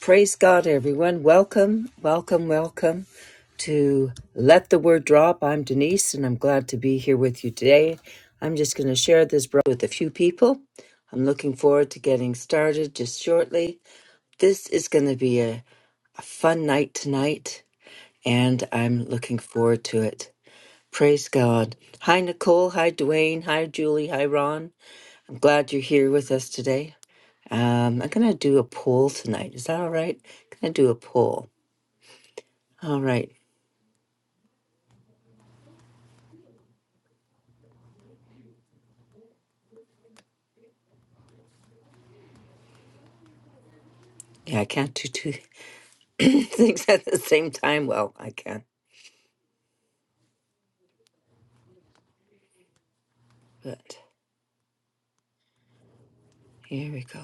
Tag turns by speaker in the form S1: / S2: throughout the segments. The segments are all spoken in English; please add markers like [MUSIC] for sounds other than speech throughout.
S1: Praise God, everyone. Welcome, welcome, welcome to Let the Word Drop. I'm Denise, and I'm glad to be here with you today. I'm just going to share this with a few people. I'm looking forward to getting started just shortly. This is going to be a, a fun night tonight, and I'm looking forward to it. Praise God. Hi, Nicole. Hi, Dwayne. Hi, Julie. Hi, Ron. I'm glad you're here with us today. Um, I'm going to do a poll tonight. Is that all right? I'm going to do a poll. All right. Yeah, I can't do two [LAUGHS] [CLEARS THROAT] things at the same time. Well, I can. But here we go.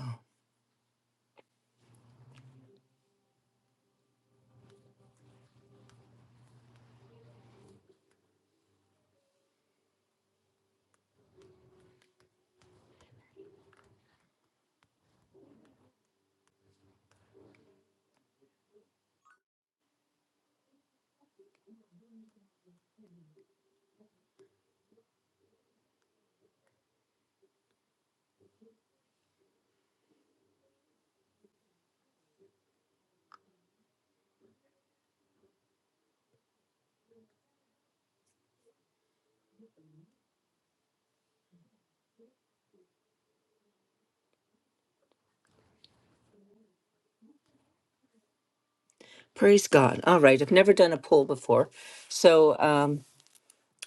S1: Praise God. All right. I've never done a poll before. So um,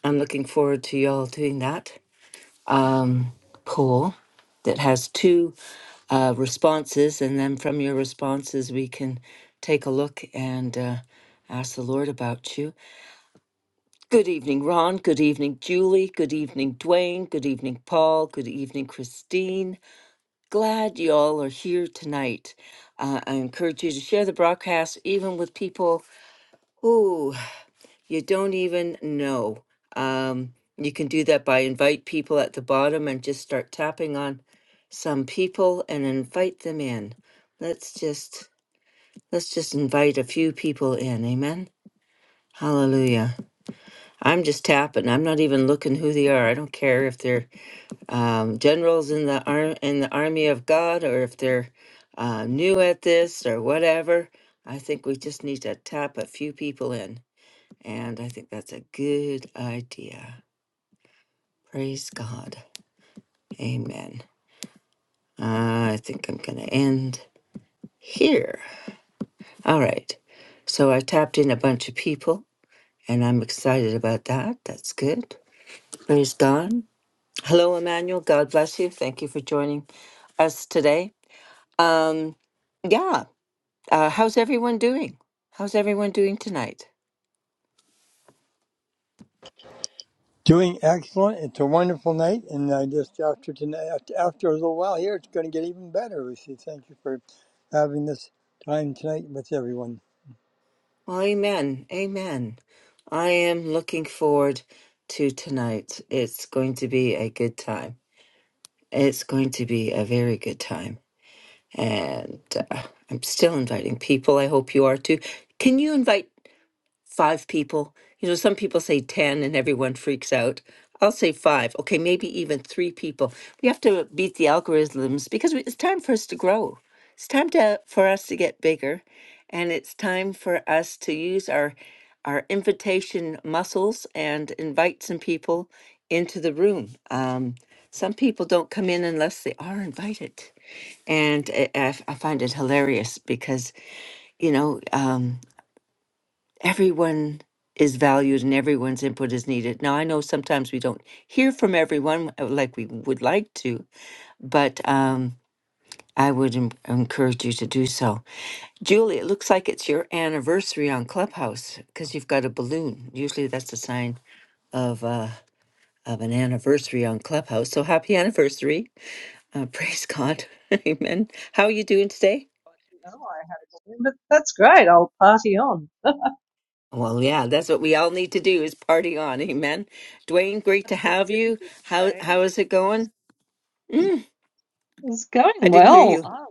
S1: I'm looking forward to y'all doing that um, poll that has two uh, responses. And then from your responses, we can take a look and uh, ask the Lord about you. Good evening, Ron. Good evening, Julie. Good evening, Dwayne. Good evening, Paul. Good evening, Christine. glad you all are here tonight. Uh, I encourage you to share the broadcast even with people who you don't even know. Um, you can do that by invite people at the bottom and just start tapping on some people and invite them in. Let's just let's just invite a few people in. Amen. Hallelujah. I'm just tapping. I'm not even looking who they are. I don't care if they're um, generals in the arm in the army of God, or if they're uh, new at this or whatever. I think we just need to tap a few people in, and I think that's a good idea. Praise God, Amen. Uh, I think I'm going to end here. All right. So I tapped in a bunch of people, and I'm excited about that. That's good. Praise God. Hello, Emmanuel. God bless you. Thank you for joining us today. Um, yeah. Uh, how's everyone doing? How's everyone doing tonight?
S2: Doing excellent. It's a wonderful night, and I just after tonight, after, after a little while here, it's going to get even better. Lucy, thank you for having this time tonight with everyone.
S1: Well, amen. Amen. I am looking forward to tonight. It's going to be a good time. It's going to be a very good time. And uh, I'm still inviting people. I hope you are too. Can you invite five people. You know, some people say 10 and everyone freaks out. I'll say five. Okay, maybe even three people. We have to beat the algorithms because we- it's time for us to grow. It's time to for us to get bigger, and it's time for us to use our our invitation muscles and invite some people into the room. Um, some people don't come in unless they are invited, and I, I f- I find it hilarious because you know. Um, everyone is valued and everyone's input is needed. Now, I know sometimes we don't hear from everyone uh, like we would like to, but um, I would en- encourage you to do so. Julie, it looks like it's your anniversary on Clubhouse because you've got a balloon. Usually that's a sign of uh, of an anniversary on Clubhouse. So happy anniversary. Uh, [LAUGHS] praise God. [LAUGHS] Amen. How are you doing today?
S3: No, I haven't. But that's great. I'll party on.
S1: Well, yeah, that's what we all need to do is party on. Amen. Dwayne, great to
S3: [LAUGHS]
S1: have you. How how is it going? Mm,
S3: It's
S1: I
S3: going
S1: didn't hear
S3: well.
S1: you.
S3: Oh,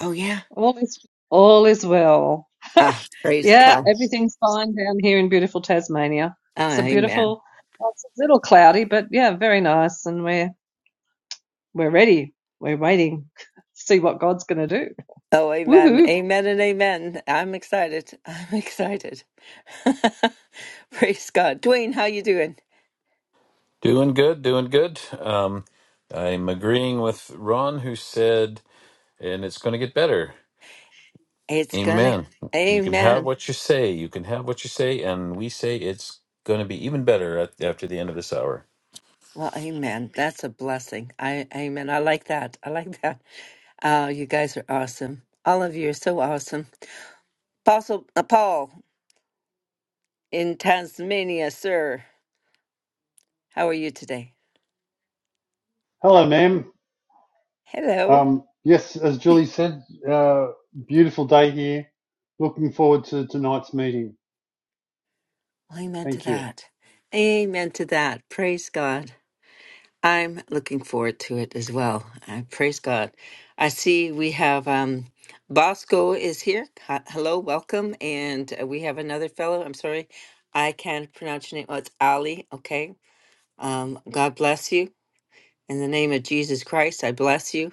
S1: Oh yeah.
S3: all is all is well. [LAUGHS]
S1: Ah, praise
S3: Yeah,
S1: God.
S3: everything's fine down here in beautiful Tasmania.
S1: Ah,
S3: It's a
S1: amen.
S3: beautiful. well, It's a little cloudy, but yeah, very nice. And we're we're ready. We're waiting. [LAUGHS] to See what God's going to do.
S1: Oh, amen.
S3: Woohoo!
S1: Amen and amen. I'm excited. I'm excited. [LAUGHS] praise God. Dwayne, how you doing?
S4: Doing good, doing good. Um, I'm agreeing with Ron, who said, and it's going to get better.
S1: It's gonna
S4: Amen. You can have
S1: Amen.
S4: what you say. You can have what you say. And we say it's going to be even better at, after the end of this hour.
S1: Well, amen. That's a blessing. I amen. I like that. I like that. Oh, you guys are awesome. All of you are so awesome. Apostle uh, Paul. in Tasmania, sir. How are you today?
S5: Hello, ma'am.
S1: Hello.
S5: Um, yes, as Julie said, uh, beautiful day here. Looking forward to tonight's meeting.
S1: Amen to
S5: Thank you.
S1: that. Amen to that. Praise God. I'm looking forward to it as well. I praise God. I see we have um, Bosco is here. Hi- Hello, welcome. And uh, we have another fellow. I'm sorry, I can't pronounce your name. Oh, it's Ali. Okay. Um, God bless you. In the name of Jesus Christ, I bless you.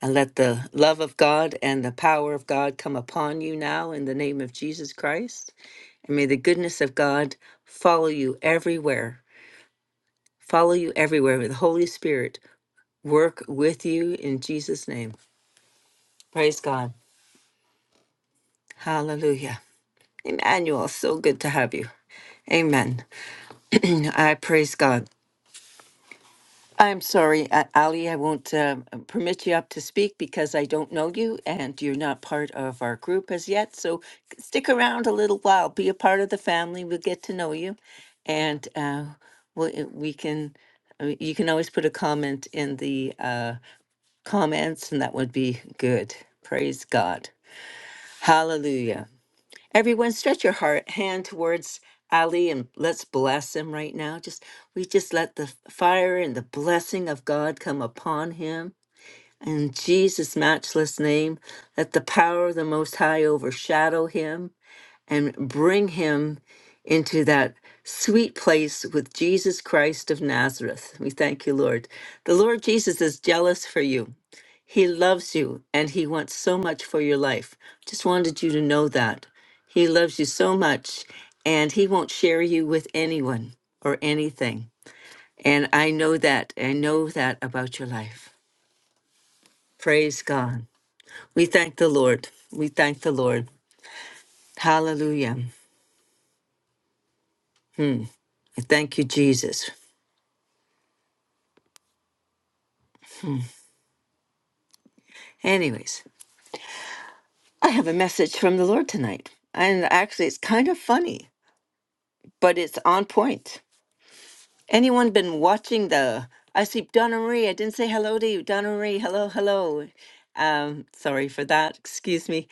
S1: And let the love of God and the power of God come upon you now in the name of Jesus Christ. And may the goodness of God follow you everywhere. Follow you everywhere. with the Holy Spirit work with you in Jesus' name. Praise God. Hallelujah. Emmanuel, so good to have you. Amen. [CLEARS THROAT] I praise God. I'm sorry, A- Ali, I won't um, permit you up to speak because I don't know you and you're not part of our group as yet. So stick around a little while, be a part of the family. We'll get to know you, and uh, we we can. uh, You can always put a comment in the uh, comments, and that would be good. Praise God, Hallelujah. Everyone, stretch your heart hand towards Ali and let's bless him right now. Just we just let the fire and the blessing of God come upon him. In Jesus' matchless name, let the power of the Most High overshadow him and bring him into that sweet place with Jesus Christ of Nazareth. We thank you, Lord. The Lord Jesus is jealous for you. He loves you and he wants so much for your life. Just wanted you to know that. He loves you so much and he won't share you with anyone or anything. And I know that. I know that about your life. Praise God. We thank the Lord. We thank the Lord. Hallelujah. I thank you, Jesus. Anyways, I have a message from the Lord tonight. And actually, it's kind of funny, but it's on point. Anyone been watching the. I see Donna Marie. I didn't say hello to you. Donna Marie, hello, hello. Um, sorry for that. Excuse me.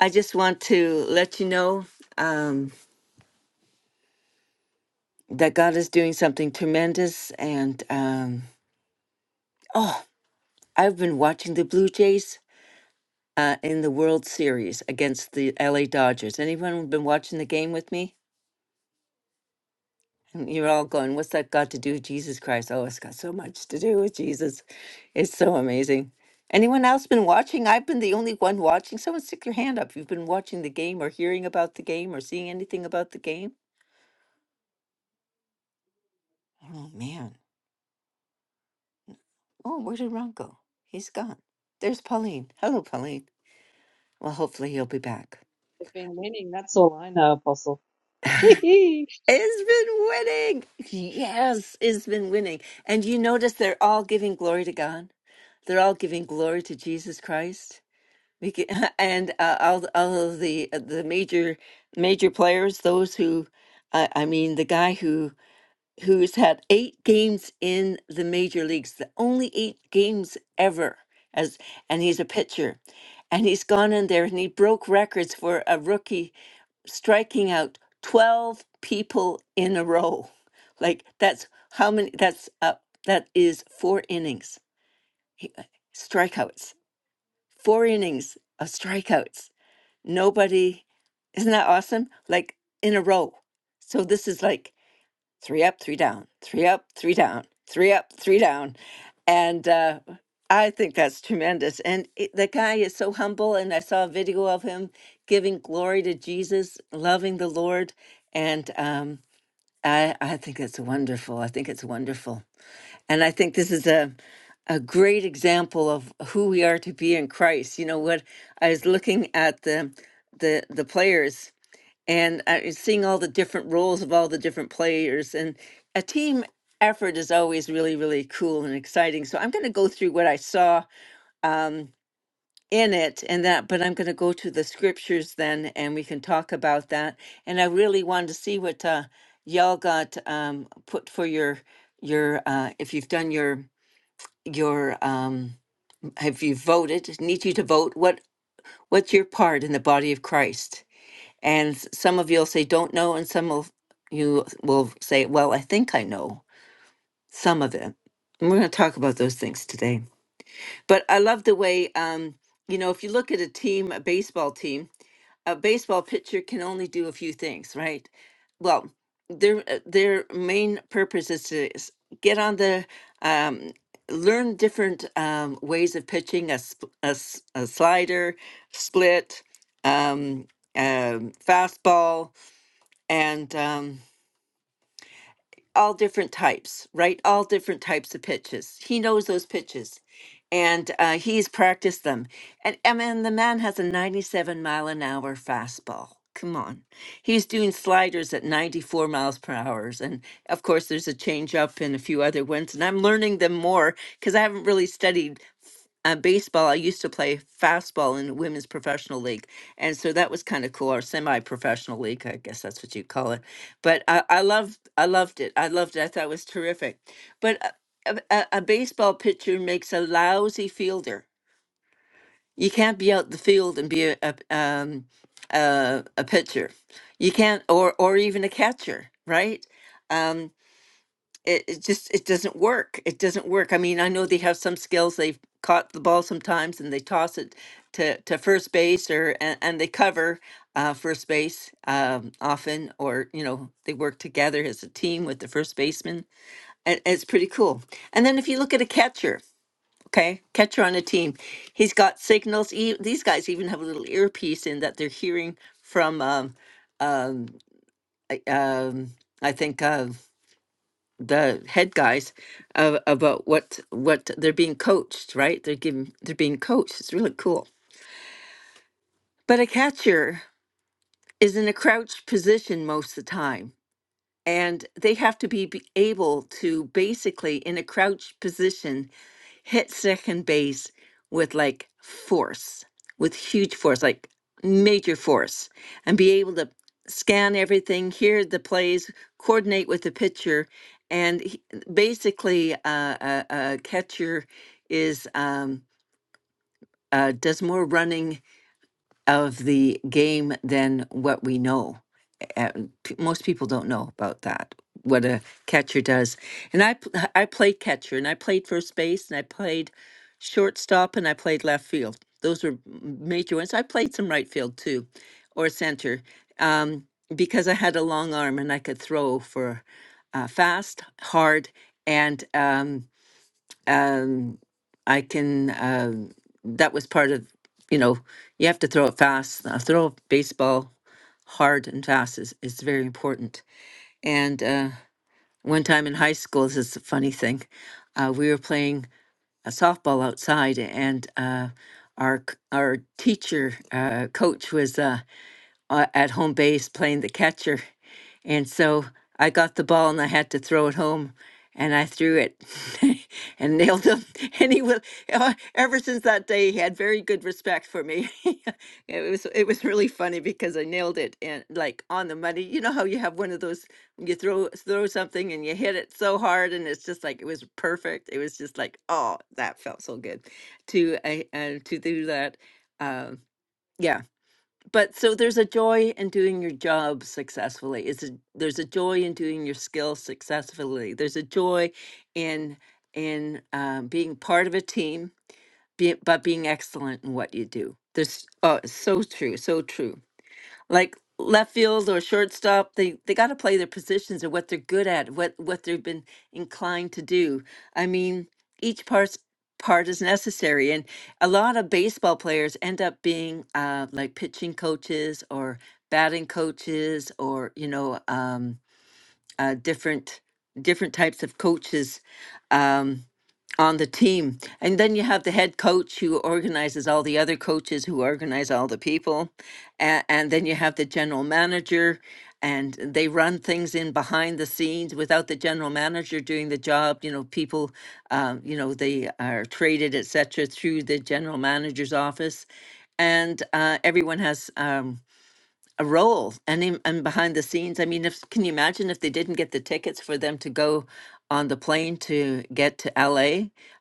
S1: I just want to let you know um, that God is doing something tremendous. And um, oh, I've been watching the Blue Jays uh, in the World Series against the LA Dodgers. Anyone been watching the game with me? And You're all going, what's that got to do with Jesus Christ? Oh, it's got so much to do with Jesus. It's so amazing. Anyone else been watching? I've been the only one watching. Someone stick your hand up. if You've been watching the game or hearing about the game or seeing anything about the game? Oh, man. Oh, where did Ron go? He's gone. There's Pauline. Hello, Pauline. Well, hopefully he'll be back.
S3: It's been winning. That's all I know, Apostle.
S1: [LAUGHS]
S3: [LAUGHS]
S1: it's been winning. Yes, it's been winning. And you notice they're all giving glory to God. They're all giving glory to Jesus Christ. We can, [LAUGHS] and uh, all the- all of the uh, the major major players, those who, uh, I mean, the guy who who's had eight games in the major leagues, the only eight games ever, as and he's a pitcher, and he's gone in there and he broke records for a rookie striking out twelve people in a row, [LAUGHS] like that's how many? That's uh, that is four innings, he- uh, strikeouts, four innings of strikeouts Nobody, isn't that awesome? Like in a row. So this is like three up, three down, three up, three down, three up, three down. And uh, I think that's tremendous. And it, the guy is so humble. And I saw a video of him giving glory to Jesus, loving the Lord. And um, I, I think it's wonderful. I think it's wonderful. And I think this is a a great example of who we are to be in Christ. You know what I was looking at the the the players and I was seeing all the different roles of all the different players and a team effort is always really really cool and exciting. So I'm going to go through what I saw um in it and that but I'm going to go to the scriptures then and we can talk about that. And I really wanted to see what uh y'all got um put for your your uh if you've done your your um have you voted need you to vote what what's your part in the body of christ and s- some of you'll say don't know and some of you will say well i think i know some of it and we're going to talk about those things today but i love the way um you know if you look at a team a baseball team a baseball pitcher can only do a few things, right? Well, their uh, their main purpose is to s- get on the um, learn different um, ways of pitching a, sp- a s- a slider, split, um, um, fastball, and um, all different types, right? All different types of pitches. He knows those pitches, and uh, he's practiced them. And I mean, the man has a 97 mile an hour fastball. Come on, he's doing sliders at 94 miles per hour, and of course, there's a change up and a few other ones. And I'm learning them more because I haven't really studied uh, baseball, I used to play fastball in the women's professional league. And so that was kind of cool, or semi-professional league, I guess that's what you call it. But I, I loved, I loved it. I loved it. I thought it was terrific. But a, a, a a baseball pitcher makes a lousy fielder. You can't be out the field and be a, a, um, a, a pitcher. You can't, or or even a catcher, right? Um, it, it just it doesn't work it doesn't work i mean i know they have some skills they've caught the ball sometimes and they toss it to, to first base or and, and they cover uh, first base um, often or you know they work together as a team with the first baseman and it's pretty cool and then if you look at a catcher okay catcher on a team he's got signals e- these guys even have a little earpiece in that they're hearing from um, um, I- um, I think uh, the head guys uh, about what what they're being coached right they're giving they're being coached it's really cool but a catcher is in a crouched position most of the time and they have to be, be able to basically in a crouched position hit second base with like force with huge force like major force and be able to scan everything hear the plays coordinate with the pitcher and he- basically uh, a, a catcher is um, uh, does more running of the game than what we know. Uh, p- most people don't know about that what a catcher does. And I p- I played catcher and I played first base and I played shortstop and I played left field. Those were m- major ones. I played some right field too, or center, um, because I had a long arm and I could throw for uh, fast, hard, and um, um, I can. Um, that was part of, you know, you have to throw it fast. A throw a baseball hard and fast is, is very important. And uh, one time in high school, this is a funny thing. Uh, we were playing a softball outside, and uh, our c- our teacher uh, coach was uh, uh, at home base playing the catcher, and so I got the ball and I had to throw it home, and I threw it [LAUGHS] and nailed him. [LAUGHS] And he will. uh, Ever since that day, he had very good respect for me. [LAUGHS] it was it was really funny because I nailed it and like on the money. You know how you have one of those when you throw throw something and you hit it so hard and it's just like it was perfect. It was just like oh that felt so good to uh, uh, to do that. Um, yeah but so there's a joy in doing your job successfully it's a, there's a joy in doing your skill successfully there's a joy in in um, being part of a team be, but being excellent in what you do this uh, so true so true like left field or shortstop they they got to play their positions and what they're good at what what they've been inclined to do i mean each part's part is necessary and a lot of baseball players end up being uh like pitching coaches or batting coaches or you know um uh different different types of coaches um on the team. And then you have the head coach who organizes all the other coaches who organize all the people. And, and then you have the general manager, and they run things in behind the scenes without the general manager doing the job. You know, people, um, you know, they are traded, et cetera, through the general manager's office. And uh, everyone has. Um, a role and and behind the scenes i mean if can you imagine if they didn't get the tickets for them to go on the plane to get to la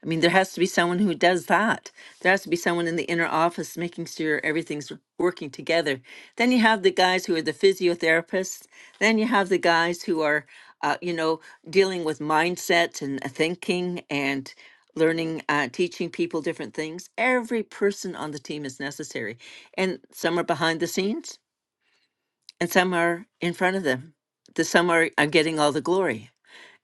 S1: i mean there has to be someone who does that there has to be someone in the inner office making sure everything's working together then you have the guys who are the physiotherapists then you have the guys who are uh, you know dealing with mindset and uh, thinking and learning uh, teaching people different things every person on the team is necessary and some are behind the scenes and some are in front of them. The some are, are getting all the glory.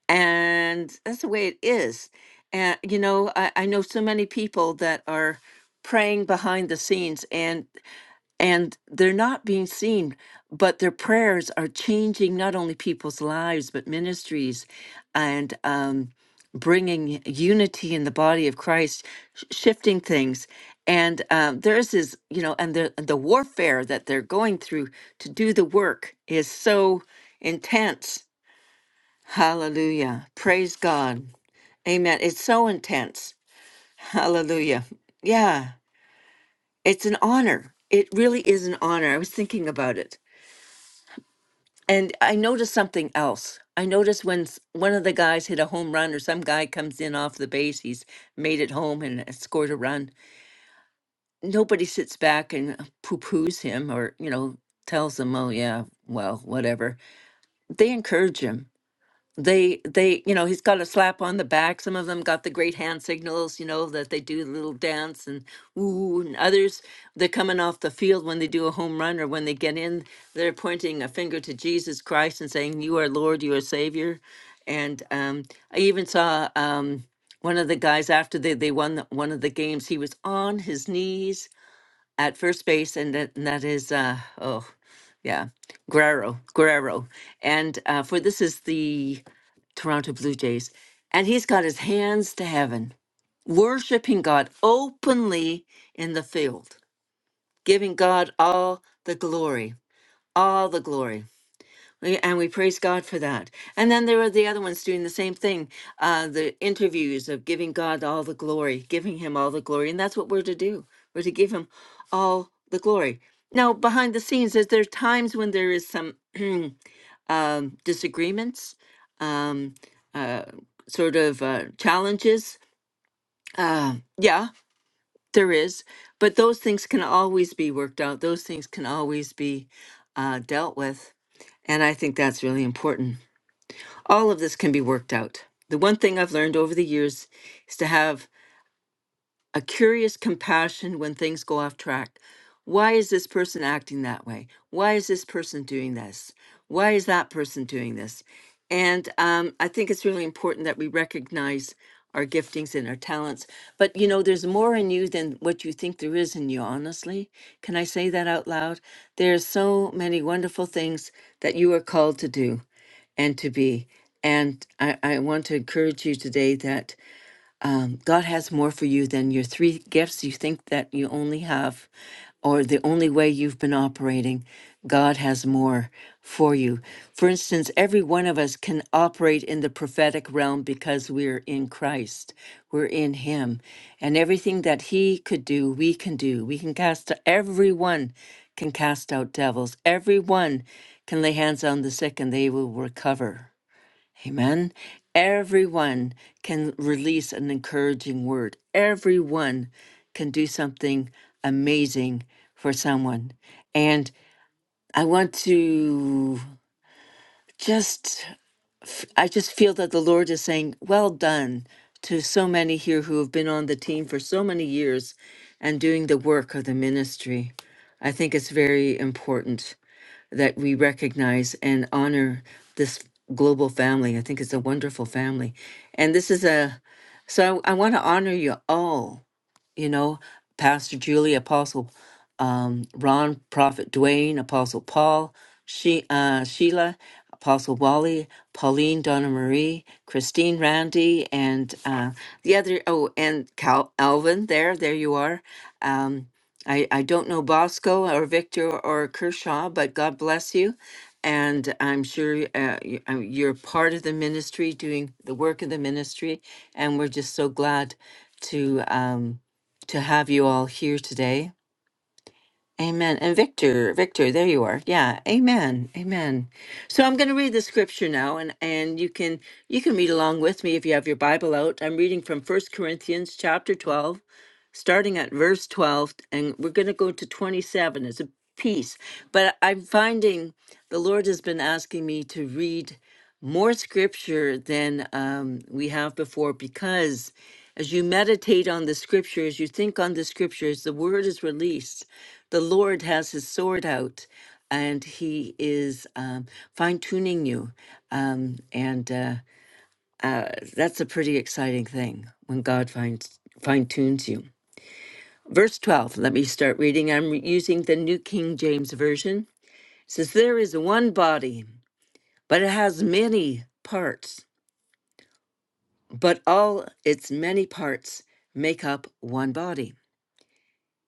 S1: And that's the way it is. And, you know, I, I know so many people that are praying behind the scenes. and and they're not being seen but their prayers are changing not only people's lives but ministries and um, bringing unity in the body of christ sh- shifting things and um, there's this you know and the, the warfare that they're going through to do the work is so intense hallelujah praise god amen it's so intense hallelujah yeah it's an honor it really is an honor i was thinking about it And I noticed something else. I noticed when s- one of the guys hit a home run or some guy comes in off the base, he's made it home and has scored a run. Nobody sits back and poo poos him or, you know, tells him, oh, yeah, well, whatever. They encourage him they they you know he's got a slap on the back some of them got the great hand signals you know that they do the little dance and ooh and others they're coming off the field when they do a home run or when they get in they're pointing a finger to jesus christ and saying you are lord you are savior and um, i even saw um, one of the guys after they, they won the, one of the games he was on his knees at first base and that, and that is uh, oh yeah guerrero guerrero and uh, for this is the Toronto Blue Jays, and he's got his hands to heaven, worshiping God openly in the field, giving God all the glory, all the glory. We- And we praise God for that. And then there are the other ones doing the same thing uh, the interviews of giving God all the glory, giving Him all the glory. And that's what we're to do, we're to give Him all the glory. Now, behind the scenes, is there times when there is some [CLEARS THROAT] um, disagreements, um, uh, sort of uh, challenges. Uh, yeah, there is, but those things can always be worked out. Those things can always be uh, dealt with, and I think that's really important. All of this can be worked out. The one thing I've learned over the years is to have a curious compassion when things go off track. Why is this person acting that way? Why is this person doing this? Why is that person doing this? And um, I think it's really important that we recognize our giftings and our talents. But you know, there's more in you than what you think there is in you, honestly. Can I say that out loud? There's so many wonderful things that you are called to do and to be. And I, I want to encourage you today that um, God has more for you than your three gifts you think that you only have, or the only way you've been operating. God has more for you. For instance, every one of us can operate in the prophetic realm because we're in Christ, we're in Him. And everything that He could do, we can do. We can cast, everyone can cast out devils, everyone can lay hands on the sick and they will recover Amen. Everyone can release an encouraging word. Everyone can do something amazing for someone. And I want to just, I just feel that the Lord is saying, well done to so many here who have been on the team for so many years and doing the work of the ministry. I think it's very important that we recognize and honor this global family. I think it's a wonderful family. And this is a, so I, I want to honor you all you know, Pastor Julie, Apostle um, Ron, Prophet Dwayne, Apostle Paul, she, uh, Sheila, Apostle Wally, Pauline, Donna Marie, Christine, Randy, and uh, the other, oh, and Cal, Alvin, there, there you are. Um, I, I don't know Bosco or Victor or Kershaw, but God bless you. And I'm sure uh, you- uh, you're part of the ministry, doing the work of the ministry. And we're just so glad to. Um, to have you all here today. Amen. And Victor, Victor, there you are. Yeah. Amen. Amen. So I'm going to read the scripture now and and you can you can read along with me if you have your Bible out. I'm reading from First Corinthians chapter 12 starting at verse 12, and we're going to go to 27 as a piece. But I'm finding the Lord has been asking me to read more scripture than um, we have before because as you meditate on the scriptures, you think on the scriptures, the word is released. The Lord has his sword out and he is um, fine tuning you. Um, and uh, uh, that's a pretty exciting thing when God finds, fine tunes you. Verse 12, let me start reading. I'm using the New King James Version. It says, There is one body, but it has many parts, but all its many parts make up one body.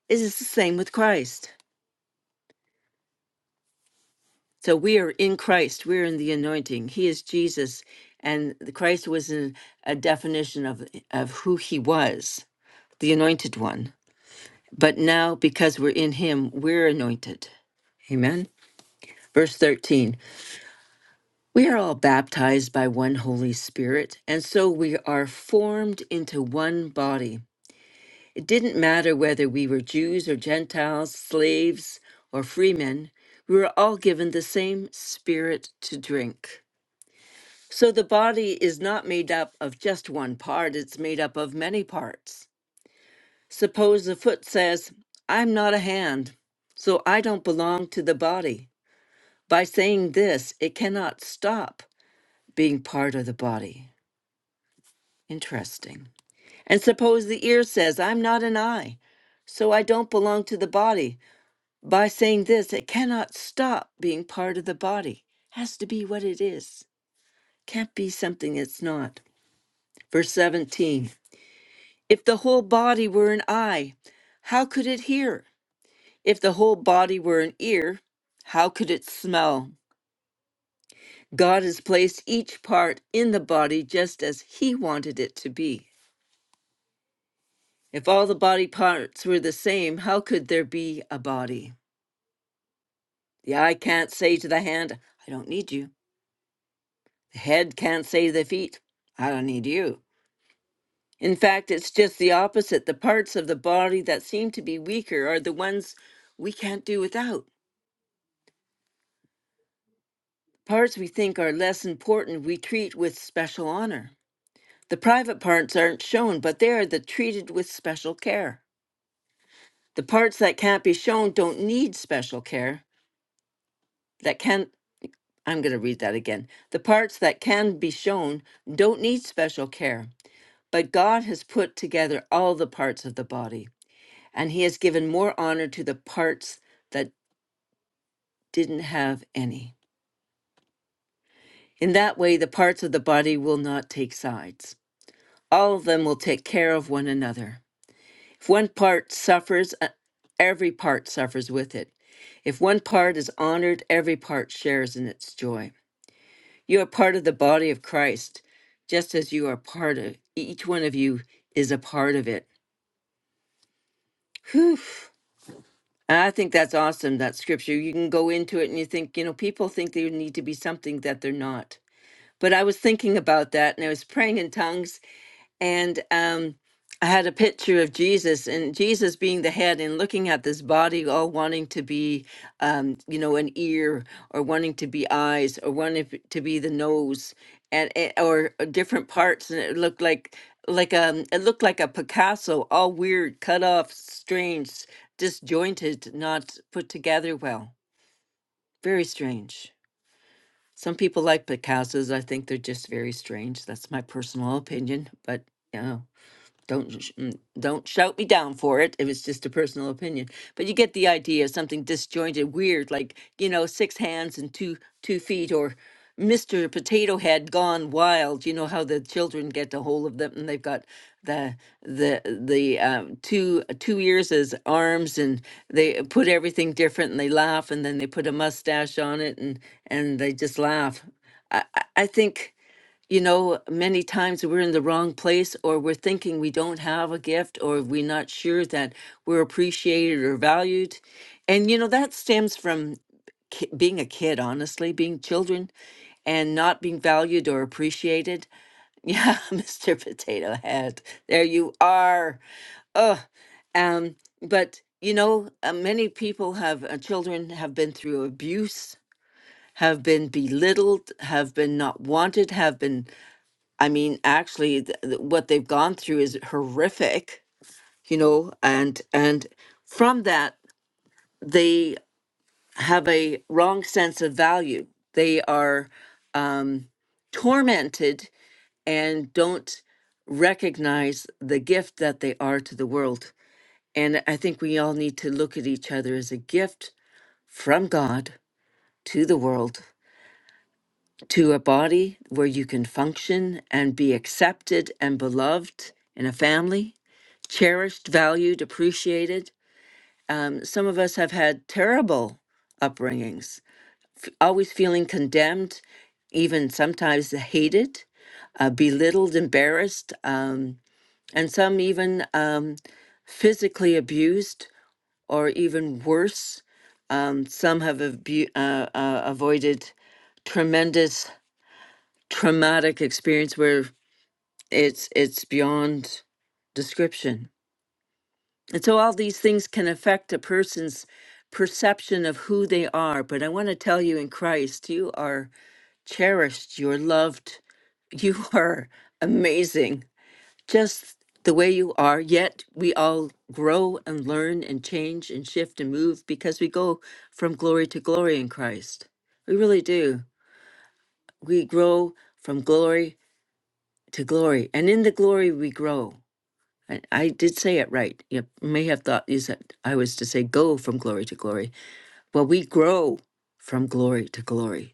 S1: It is the same with Christ. So we are in Christ, we're in the anointing. He is Jesus, and the Christ was an, a definition of, of who he was, the anointed one. But now, because we're in him, we're anointed. Amen. Verse 13. We are all baptized by one Holy Spirit, and so we are formed into one body. It didn't matter whether we were Jews or Gentiles, slaves or freemen, we were all given the same Spirit to drink. So the body is not made up of just one part, it's made up of many parts. Suppose the foot says, I'm not a hand, so I don't belong to the body. By saying this, it cannot stop being part of the body. Interesting. And suppose the ear says, I'm not an eye, so I don't belong to the body. By saying this, it cannot stop being part of the body. Has to be what it is. Can't be something it's not. Verse 17 If the whole body were an eye, how could it hear? If the whole body were an ear, how could it smell? God has placed each part in the body just as He wanted it to be. If all the body parts were the same, how could there be a body? The eye can't say to the hand, I don't need you. The head can't say to the feet, I don't need you. In fact, it's just the opposite. The parts of the body that seem to be weaker are the ones we can't do without. Parts we think are less important, we treat with special honor. The private parts aren't shown, but they are the treated with special care. The parts that can't be shown don't need special care. That can not I'm going to read that again. The parts that can be shown don't need special care, but God has put together all the parts of the body, and He has given more honor to the parts that didn't have any. In that way, the parts of the body will not take sides. All of them will take care of one another. If one part suffers, uh, every part suffers with it. If one part is honored, every part shares in its joy. You are part of the body of Christ, just as you are part of each one of you is a part of it. Whew. I think that's awesome, that scripture. You can go into it and you think, you know, people think they need to be something that they're not. But I was thinking about that and I was praying in tongues and um, I had a picture of Jesus and Jesus being the head and looking at this body all wanting to be, um, you know, an ear or wanting to be eyes or wanting f- to be the nose and it- or uh, different parts, and it looked like like um it looked like a Picasso, all weird, cut off, strange, disjointed, not put together well. Very strange. Some people like Picassos. I think they're just very strange. That's my personal opinion, but. Yeah. Don't sh- mm, don't shout me down for it. if it's just a personal opinion, but you get the idea. Something disjointed, weird, like you know, six hands and two two feet, or Mister Potato Head gone wild. You know how the children get a hold of them, and they've got the the the um, two two ears as arms, and they put everything different, and they laugh, and then they put a mustache on it, and and they just laugh. I I I think you know, many times we're in the wrong place or we're thinking we don't have a gift or we're not sure that we're appreciated or valued. And, you know, that stems from ki- being a kid, honestly, being children and not being valued or appreciated. Yeah, [LAUGHS] Mr. Potato Head, there you are. Ugh. Um, but you know, uh, many people have uh, children have been through abuse, have been belittled, have been not wanted, have been I mean, actually, th- th- what they've gone through is horrific, you know, and and from that they have a wrong sense of value. They are um, tormented and don't recognize the gift that they are to the world. And I think we all need to look at each other as a gift from God to the world to a body where you can function and be accepted and beloved in a family, cherished, valued, appreciated. Um, some of us have had terrible upbringings, always feeling condemned, even sometimes hated, uh, belittled, embarrassed, um, and some even um, physically abused or even worse. Um, some have abu- uh, uh, avoided tremendous traumatic experience where it's it's beyond description. And so all these things can affect a person's perception of who they are. But I want to tell you in Christ, you are cherished, you're loved, you [LAUGHS] are amazing. Just the way you are, yet we all grow and learn and change and shift and move because we go from glory to glory in Christ. We really do. We grow from glory to glory, and in the glory we grow. I, I did say it right. You may have thought you said I was to say go from glory to glory. Well, we grow from glory to glory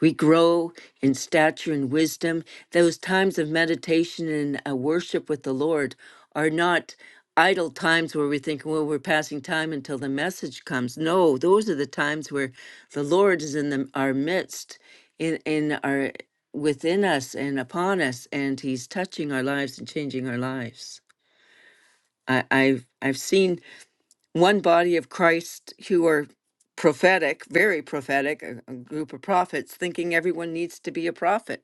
S1: we grow in stature and wisdom. Those times of meditation and uh, worship with the Lord are not idle times where we think, well, we're passing time until the message comes. No, those are the times where the Lord is in the, our midst, in, in our within us and upon us, and He's touching our lives and changing our lives. I, I've I've seen one body of Christ who are prophetic, very prophetic, a, a group of prophets, thinking everyone needs to be a prophet.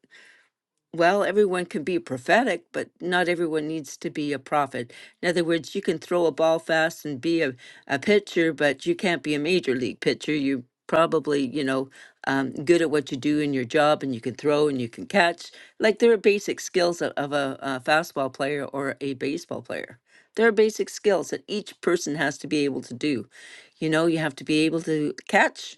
S1: Well, everyone can be prophetic, but not everyone needs to be a prophet. In other words, you can throw a ball fast and be a, a pitcher, but you can't be a major league pitcher. You probably, you know, um, good at what you do in your job and you can throw and you can catch. Like there are basic skills of, of a, a fastball player or a baseball player. There are basic skills that each person has to be able to do. You know, you have to be able to catch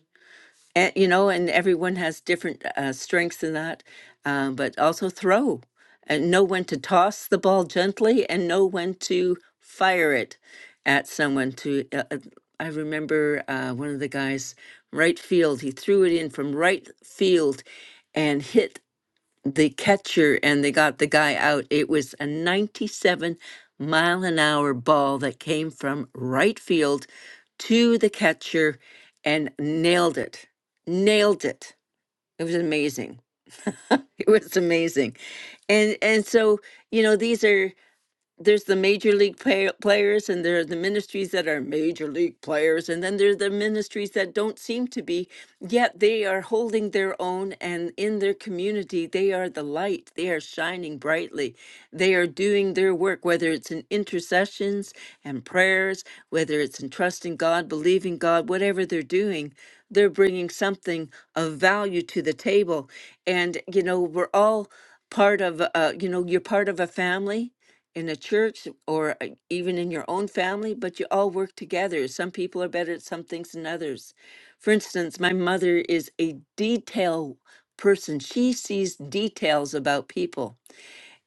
S1: and you know and everyone has different uh, strengths in that um, but also throw and know when to toss the ball gently and know when to fire it at someone to uh, uh, i remember uh, one of the guys right field he threw it in from right field and hit the catcher and they got the guy out. It was a 97 mile an hour ball that came from right field to the catcher and nailed it. Nailed it. It was amazing. [LAUGHS] It was amazing. And and so, you know, these are there's the major league play- players and there are the ministries that are major league players and then there are the ministries that don't seem to be yet they are holding their own and in their community they are the light they are shining brightly they are doing their work whether it's in intercessions and prayers whether it's in trusting god believing god whatever they're doing they're bringing something of value to the table and you know we're all part of uh, you know you're part of a family in a church or uh, even in your own family, but you all work together. Some people are better at some things than others. For instance, my mother is a detail person, she sees details about people.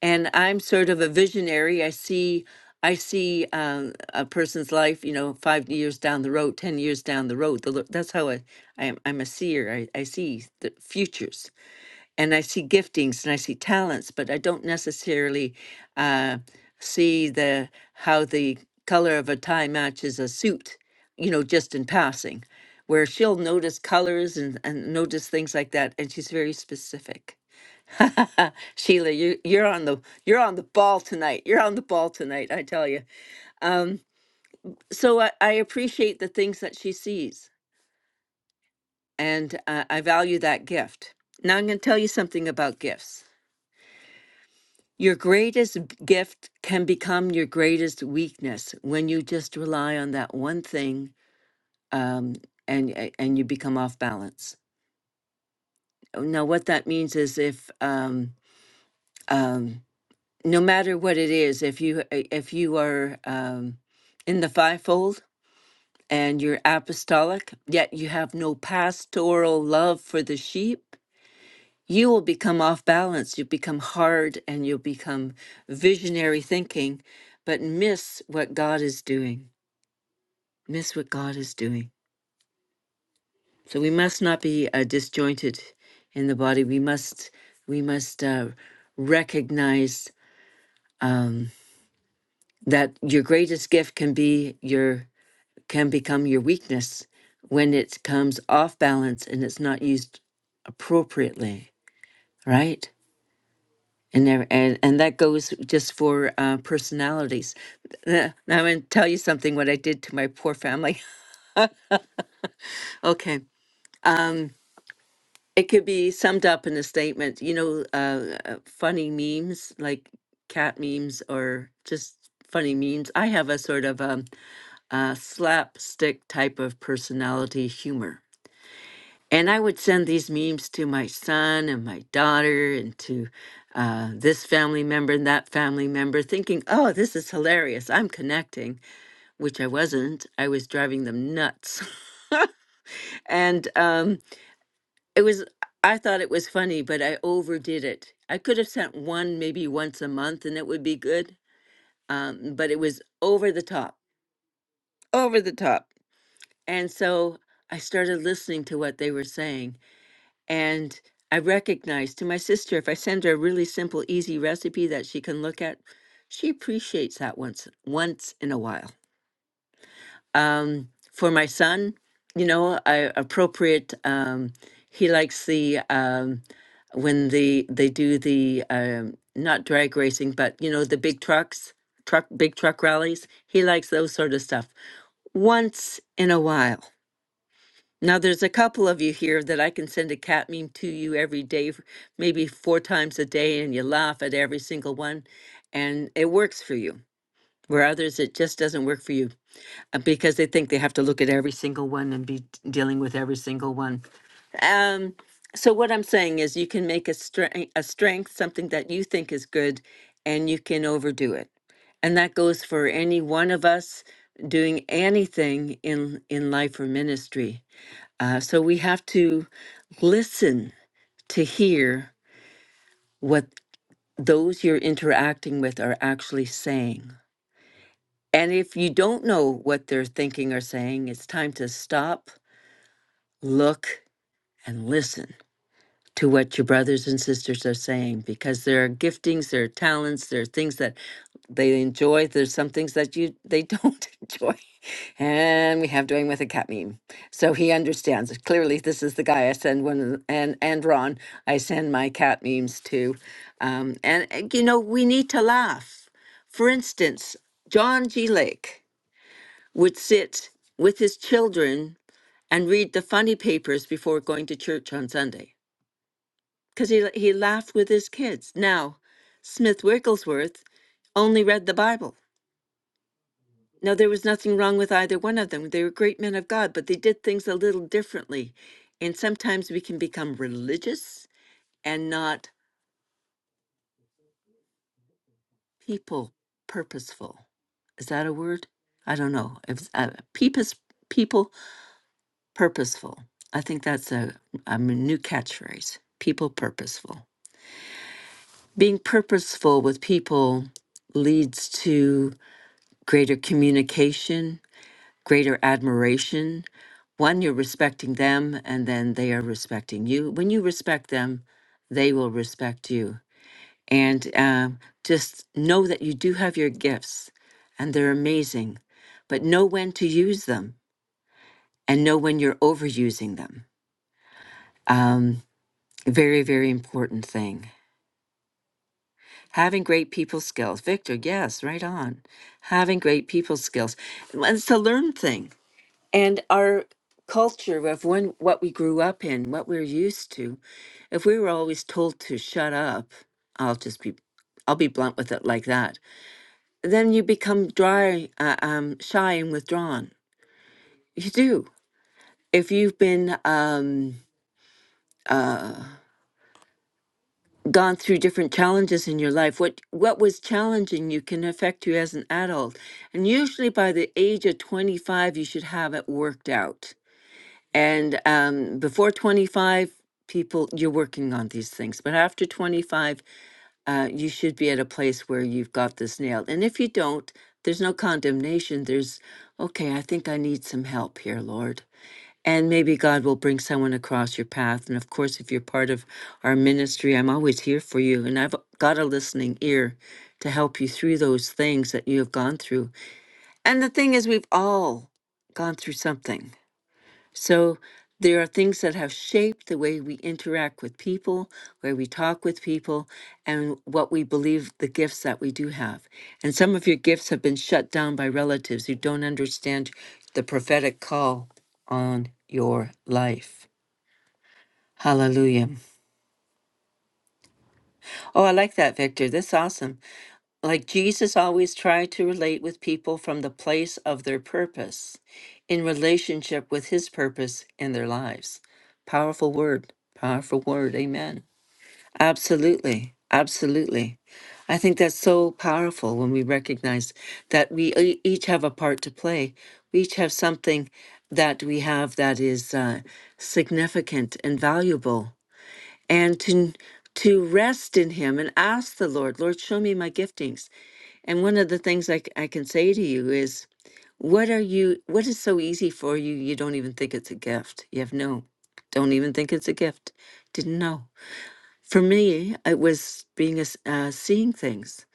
S1: And I'm sort of a visionary. I see. I see um, a person's life, you know, five years down the road, ten years down the road. The, lo- that's how I, I am. I'm a seer. I, I see the futures and I see giftings and I see talents, but I don't necessarily uh, see the how the color of a tie matches a suit, you know, just in passing. Where she'll notice colors and, and notice things like that, and she's very specific. [LAUGHS] Sheila, you you're on the you're on the ball tonight. You're on the ball tonight, I tell you. Um, so I, I appreciate the things that she sees, and uh, I value that gift. Now I'm going to tell you something about gifts. Your greatest gift can become your greatest weakness when you just rely on that one thing um, and and you become off balance. Now, what that means is if um, um, no matter what it is, if you uh, if you are um, in the fivefold and you're apostolic, yet you have no pastoral love for the sheep, you will become off balance. You become hard and you'll become visionary thinking, but miss what God is doing. Miss what God is doing. So we must not be uh, disjointed in the body. We must we must uh, recognize um, that your greatest gift can be your can become your weakness when it comes off balance and it's not used appropriately. Right? and there, and, and that goes just for uh, personalities. Uh, Now I'm going to tell you something. What I did to my poor family. [LAUGHS] Okay, it could be summed up in a statement. You know, uh, uh, funny memes like cat memes or just funny memes. I have a sort of um, uh, slapstick type of personality humor And I would send these memes to my son and my daughter and to uh, this family member and that family member, thinking, oh, this is hilarious. I'm connecting, which I wasn't. I was driving them nuts. [LAUGHS] and um, it was, I thought it was funny, but I overdid it. I could have sent one maybe once a month and it would be good, um, but it was over the top, over the top. And so I started listening to what they were saying And I recognize to my sister, if I send her a really simple, easy recipe that she can look at, she appreciates that once once in a while. Um, for my son, you know, I appropriate. Um, he likes the um, when the they do the um, not drag racing, but you know the big trucks, truck big truck rallies. He likes those sort of stuff once in a while. Now, there's a couple of you here that I can send a cat meme to you every day, f- maybe four times a day, and you laugh at every single one, and it works for you. Where others, it just doesn't work for you uh, because they think they have to look at every single one and be d- dealing with every single one. Um, so, what I'm saying is, you can make a, stre- eh, a strength something that you think is good, and you can overdo it. And that goes for any one of us doing anything in, in life or ministry uh, so we have to listen to hear what those you're interacting with are actually saying. And if you don't know what they're thinking or saying, it's time to stop, look, and listen to what your brothers and sisters are saying because there are giftings, there are talents, there are things that they enjoy, there's some things that you they don't [LAUGHS] enjoy. And we have doing with a cat meme. So he understands. it. Clearly, this is the guy I send one of the- and and Ron. I send my cat memes to. Um, and uh, you know, we need to laugh. For instance, John G. Lake would sit with his children and read the funny papers before going to church on Sunday because he he laughed with his kids. Now, Smith Wigglesworth only read the Bible No, there was nothing wrong with either one of them. They were great men of God, but they did things a little differently. And sometimes we can become religious and not people purposeful. Is that a word? I don't know. If it's, uh, peepus, people purposeful. I think that's a, um, a new catchphrase. People purposeful. Being purposeful with people leads to greater communication, greater admiration. One, you're respecting them, and then they are respecting you. When you respect them, they will respect you. And um, just know that you do have your gifts, and they're amazing, but know when to use them and know when you're overusing them. Um, very, very important thing. Having great people skills. Victor, yes, right on. Having great people skills. It's a learned thing and our culture of when what we grew up in, what we're used to. If we were always told to shut up, I'll just be I'll be blunt with it like that. Then you become dry, uh, um, shy and withdrawn. You do. If you've been um, uh, gone through different challenges in your life, what what was challenging you can affect you as an adult, and usually by the age of twenty five, you should have it worked out And um, before 25, people, you're working on these things. But after 25, uh, you should be at a place where you've got this nailed. And if you don't, there's no condemnation. There's, okay, I think I need some help here, Lord. And maybe God will bring someone across your path. And of course, if you're part of our ministry, I'm always here for you. And I've got a listening ear to help you through those things that you have gone through. And the thing is, we've all gone through something so there are things that have shaped the way we interact with people, where we talk with people, and what we believe the gifts that we do have. And some of your gifts have been shut down by relatives who don't understand the prophetic call on your life. Hallelujah. Oh, I like that, Victor. That's awesome. Like Jesus always tried to relate with people from the place of their purpose, in relationship with his purpose in their lives. Powerful word, powerful word. Amen. Absolutely. Absolutely. I think that's so powerful when we recognize that we e- each have a part to play. We each have something that we have that is uh, significant and valuable. And to to rest in him and ask the Lord, Lord, show me my giftings and one of the things I, c- I can say to you is, what are you, what is so easy for you? You don't even think it's a gift. You have no, don't even think it's a gift. Didn't know. For me, it was being a, s- uh, seeing things.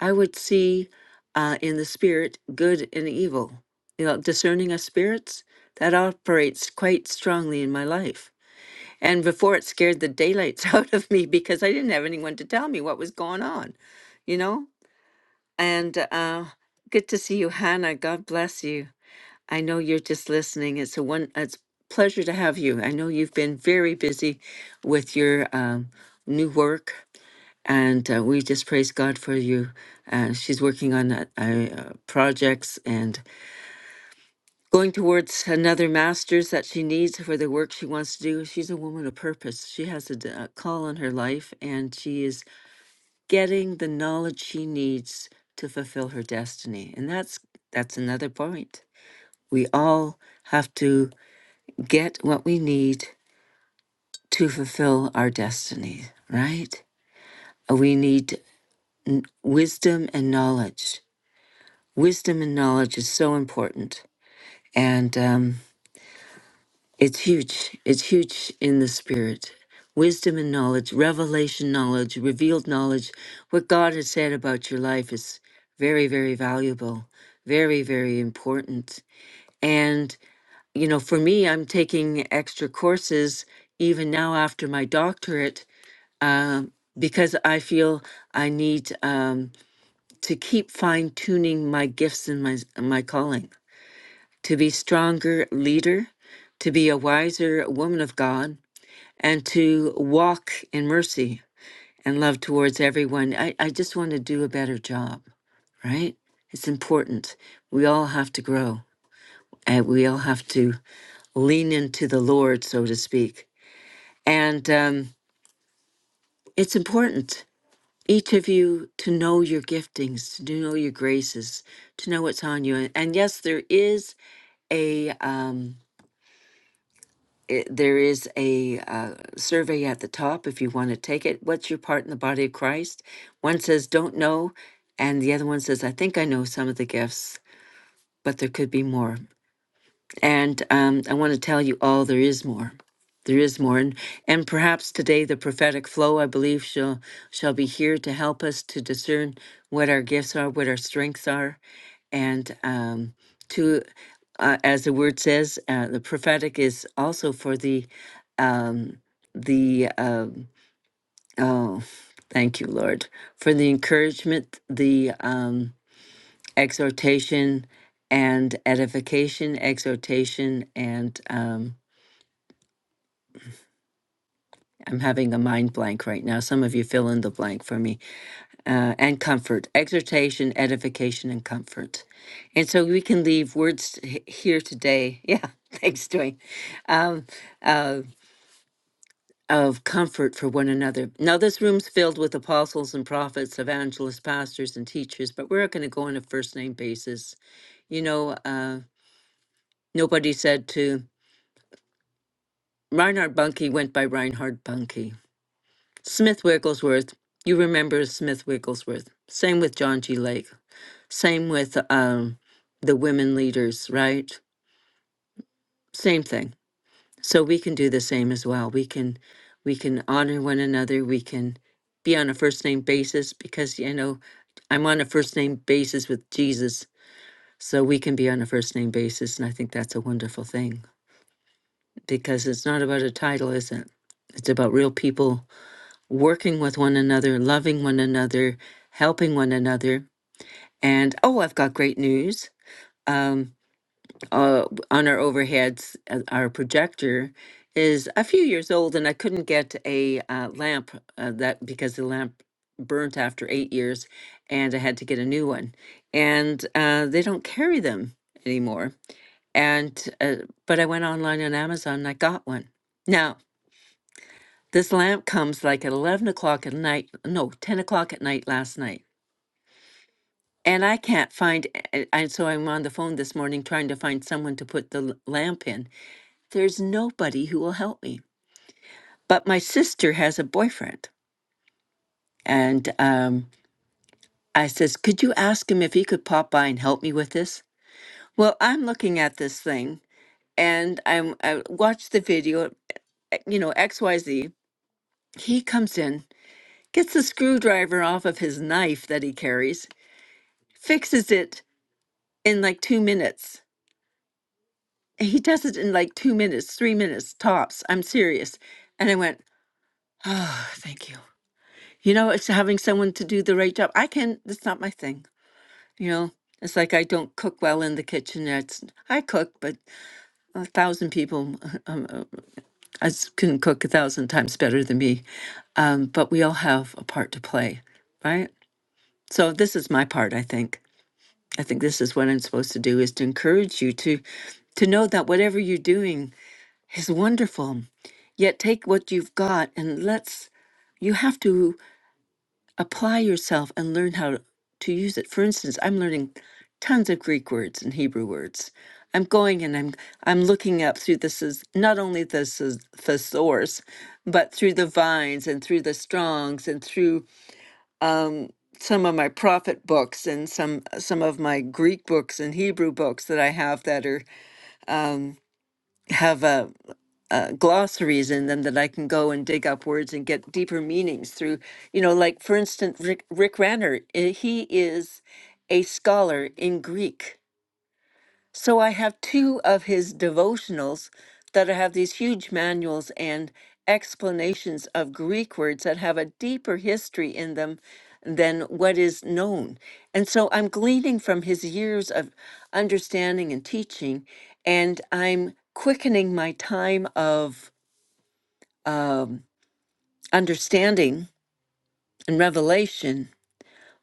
S1: I would see uh, in the spirit good and evil. You know, discerning of spirits, that operates quite strongly in my life. And before it scared the daylights [LAUGHS] out of me because I didn't have anyone to tell me what was going on, you know? And uh, good to see you, Hannah. God bless you. I know you're just listening. It's a one. It's a pleasure to have you. I know you've been very busy with your um, new work, and uh, we just praise God for you. Uh, she's working on uh, uh, projects and going towards another master's that she needs for the work she wants to do. She's a woman of purpose. She has a, d- a call on her life, and she is getting the knowledge she needs to fulfill her destiny. And that's that's another point. We all have to get what we need to fulfill our destiny, right? Uh, We need wisdom and knowledge. Wisdom and knowledge is so important. And um, It's huge. It's huge in the spirit. Wisdom and knowledge, revelation knowledge, revealed knowledge, what God has said about your life is very, very valuable, very, very important. And, you know, for me, I'm taking extra courses even now after my doctorate um, because I feel I need um, to keep fine tuning my gifts and my, my calling to be stronger leader, to be a wiser woman of God and to walk in mercy and love towards everyone. I, I just want to do a better job, right? It's important. We all have to grow and we all have to lean into the Lord, so to speak. And um, it's important, each of you, to know your giftings, to know your graces, to know what's on you. And yes, there is a. Um, it, there is a uh, survey at the top if you want to take it. What's your part in the body of Christ? One says, don't know. And the other one says, I think I know some of the gifts, but there could be more. And um, I want to tell you all there is more. There is more. And, and perhaps today the prophetic flow, I believe, shall, shall be here to help us to discern what our gifts are, what our strengths are, and um, to, uh, as the word says, uh, the prophetic is also for the, um, the, um, oh, thank you, Lord, for the encouragement, the, um, exhortation and edification, exhortation and um, I'm having a mind blank right now. Some of you fill in the blank for me. Uh, and comfort, exhortation, edification, and comfort. And so we can leave words h- here today. [LAUGHS] Yeah, thanks, Dwayne. Um, uh, of comfort for one another. Now, this room's filled with apostles and prophets, evangelists, pastors, and teachers, but we're going to go on a first name basis. You know, uh, nobody said to Reinhard Bunke went by Reinhard Bunke. Smith Wigglesworth, you remember Smith Wigglesworth. Same with John G. Lake. Same with um, the women leaders, right? Same thing. So we can do the same as well. We can we can honor one another. We can be on a first name basis because you know I'm on a first name basis with Jesus. So we can be on a first name basis, and I think that's a wonderful thing because it's not about a title, is it? It's about real people working with one another, loving one another, helping one another. And oh, I've got great news. Um, uh, on our overheads, uh, our projector is a few years old, and I couldn't get a uh, lamp uh, that because the lamp burnt after eight years, and I had to get a new one. And uh, they don't carry them anymore. And uh, but I went online on Amazon and I got one. Now this lamp comes like at 11 o'clock at night, no, 10 o'clock at night last night. And I can't find, a- and so I'm on the phone this morning trying to find someone to put the l- lamp in. There's nobody who will help me. But my sister has a boyfriend. And um, I says, Could you ask him if he could pop by and help me with this? Well, I'm looking at this thing and I'm, I watch the video, eh, you know, XYZ. He comes in, gets the screwdriver off of his knife that he carries fixes it in like two minutes. He does it in like two minutes, three minutes tops. I'm serious. And I went, oh, thank you. You know, it's having someone to do the right job. I can, that's not my thing. You know, it's like I don't cook well in the kitchen. It's, I cook, but a thousand people [LAUGHS] um, uh, I s- can cook a thousand times better than me. Um, but we all have a part to play, right? So this is my part, I think. I think this is what I'm supposed to do is to encourage you to to know that whatever you're doing is wonderful. Yet take what you've got and let's you have to apply yourself and learn how to use it. For instance, I'm learning tons of Greek words and Hebrew words. I'm going and I'm I'm looking up through this is not only this is thesaurus, but through the vines and through the strongs and through um, some of my prophet books and some some of my Greek books and Hebrew books that I have that are um, have a, uh, glossaries in them that I can go and dig up words and get deeper meanings through. You know, like for instance, Rick, Rick Ranner, eh, he is a scholar in Greek so I have two of his devotionals that have these huge manuals and explanations of Greek words that have a deeper history in them than what is known. And so I'm gleaning from his years of understanding and teaching, and I'm quickening my time of um, understanding and revelation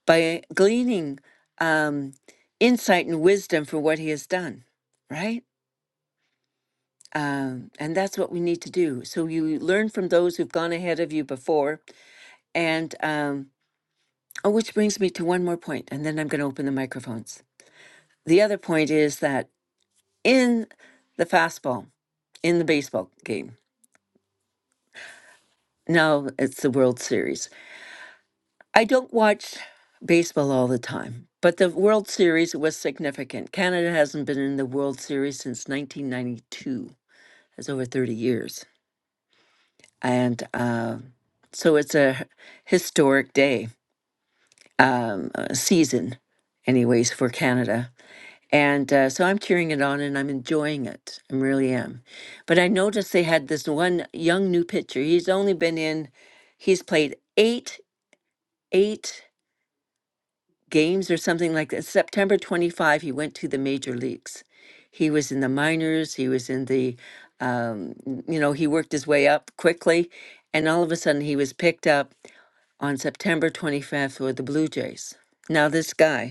S1: by gleaning um, insight and wisdom for what he has done, right? Um, and that's what we need to do. So you learn from those who've gone ahead of you before. And, um, oh, which brings me to one more point, and then I'm going to open the microphones. The other point is that in the fastball, in the baseball game, now it's the World Series. I don't watch baseball all the time, but the World Series was significant. Canada hasn't been in the World Series since 1992, that's over 30 years. And, uh, so it's a historic day. um, uh, season, anyways, for Canada. And uh, so I'm cheering it on and I'm enjoying it. I really am. But I noticed they had this one young new pitcher. He's only been in, he's played eight, eight games or something like that. September 25, he went to the major leagues. He was in the minors, he was in the, um, you know, he worked his way up quickly. And all of a sudden, he was picked up on September 25th for the Blue Jays. Now, this guy.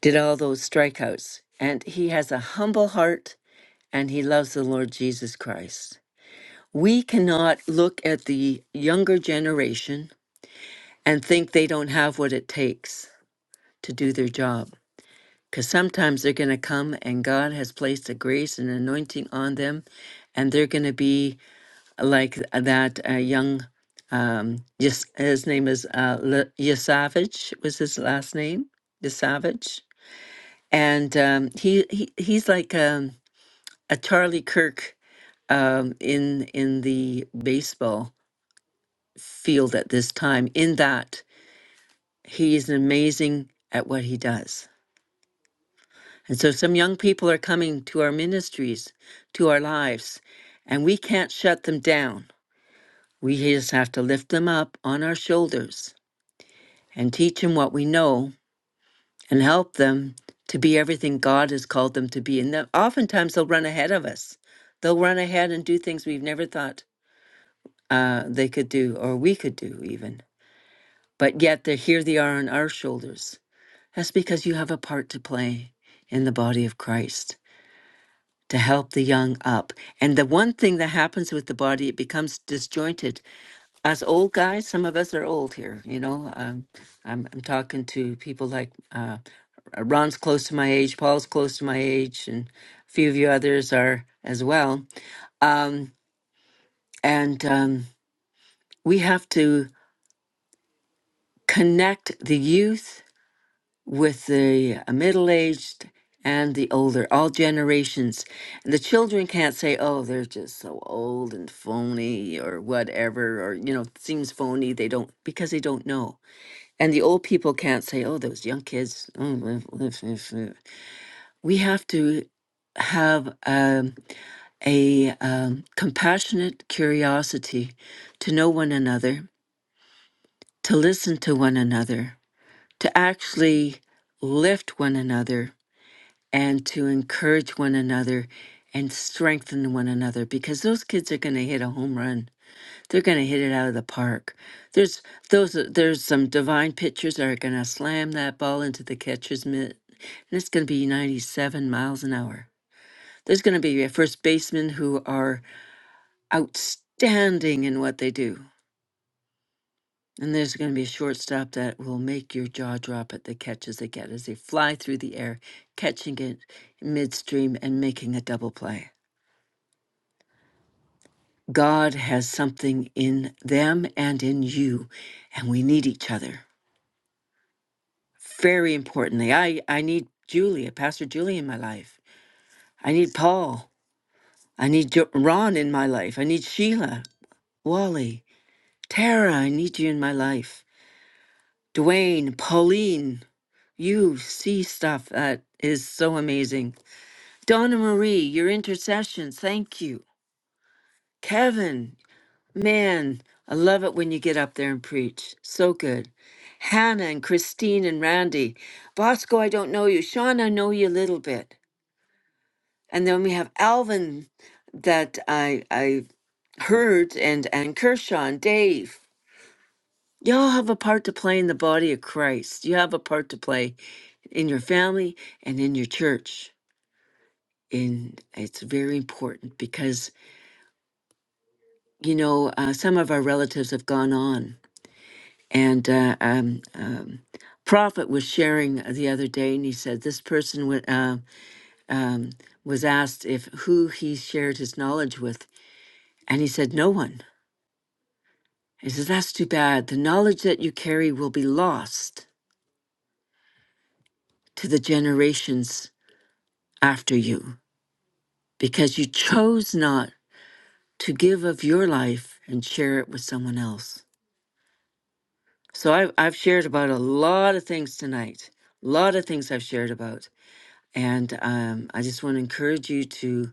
S1: did all those strikeouts. And he has a humble heart and he loves the Lord Jesus Christ. We cannot look at the younger generation and think they don't have what it takes to do their job. Because sometimes they're going to come and God has placed a grace and anointing on them, and they're going to be like that uh, young, um, Yas- his name is uh, Le- Yasavage, was his last name, Yasavage. And um, he, he he's like, um, a Charlie Kirk um, in in the baseball field at this time. In that he is amazing at what he does, and so some young people are coming to our ministries, to our lives, and we can't shut them down. We just have to lift them up on our shoulders and teach them what we know and help them to be everything God has called them to be. And then oftentimes they'll run ahead of us. They'll run ahead and do things we've never thought uh, they could do, or we could do even. But yet, they're, here they are on our shoulders. That's because you have a part to play in the body of Christ to help the young up. And the one thing that happens with the body, it becomes disjointed. As old guys, some of us are old here, you know. Um, I'm, I'm talking to people like uh, uh, Ron's close to my age, Paul's close to my age, and a few of you others are as well. Um, and um, we have to connect the youth with the middle aged and the older, all generations. And the children can't say, oh, they're just so old and phony or whatever, or, you know, seems phony. They don't, because they don't know. And the old people can't say, oh, those young kids. [LAUGHS] Oh, mm, mm, mm, mm." We have to have um, a um, compassionate curiosity to know one another, to listen to one another, to actually lift one another and to encourage one another and strengthen one another because those kids are going to hit a home run. They're going to hit it out of the park. There's those there's some divine pitchers that are going to slam that ball into the catcher's mitt and it's going to be 97 miles an hour. There's going to be a first baseman who are outstanding in what they do. And there's going to be a shortstop that will make your jaw drop at the catches they get as they fly through the air, catching it midstream and making a double play. God has something in them and in you, and we need each other. Very importantly, I, I need Julia, Pastor Julie in my life. I need Paul. I need jo- Ron in my life. I need Sheila, Wally, Tara, I need you in my life. Dwayne, Pauline, you see stuff that is so amazing. Donna Marie, your intercession, thank you. Kevin, Man, I love it when you get up there and preach. So good. Hannah and Christine and Randy. Bosco, I don't know you. Sean, I know you a little bit. And then we have Alvin that I I heard and and Kershaw and Dave. Y'all have a part to play in the body of Christ. You have a part to play in your family and in your church. And it's very important because, you know, uh, some of our relatives have gone on And uh, um, um, Prophet was sharing the other day, and he said this person wa- uh, um, was asked if who he shared his knowledge with, and he said no one. He says that's too bad. The knowledge that you carry will be lost to the generations after you because you chose not to give of your life and share it with someone else. So I, I've shared about a lot of things tonight. A lot of things I've shared about. And um, I just want to encourage you to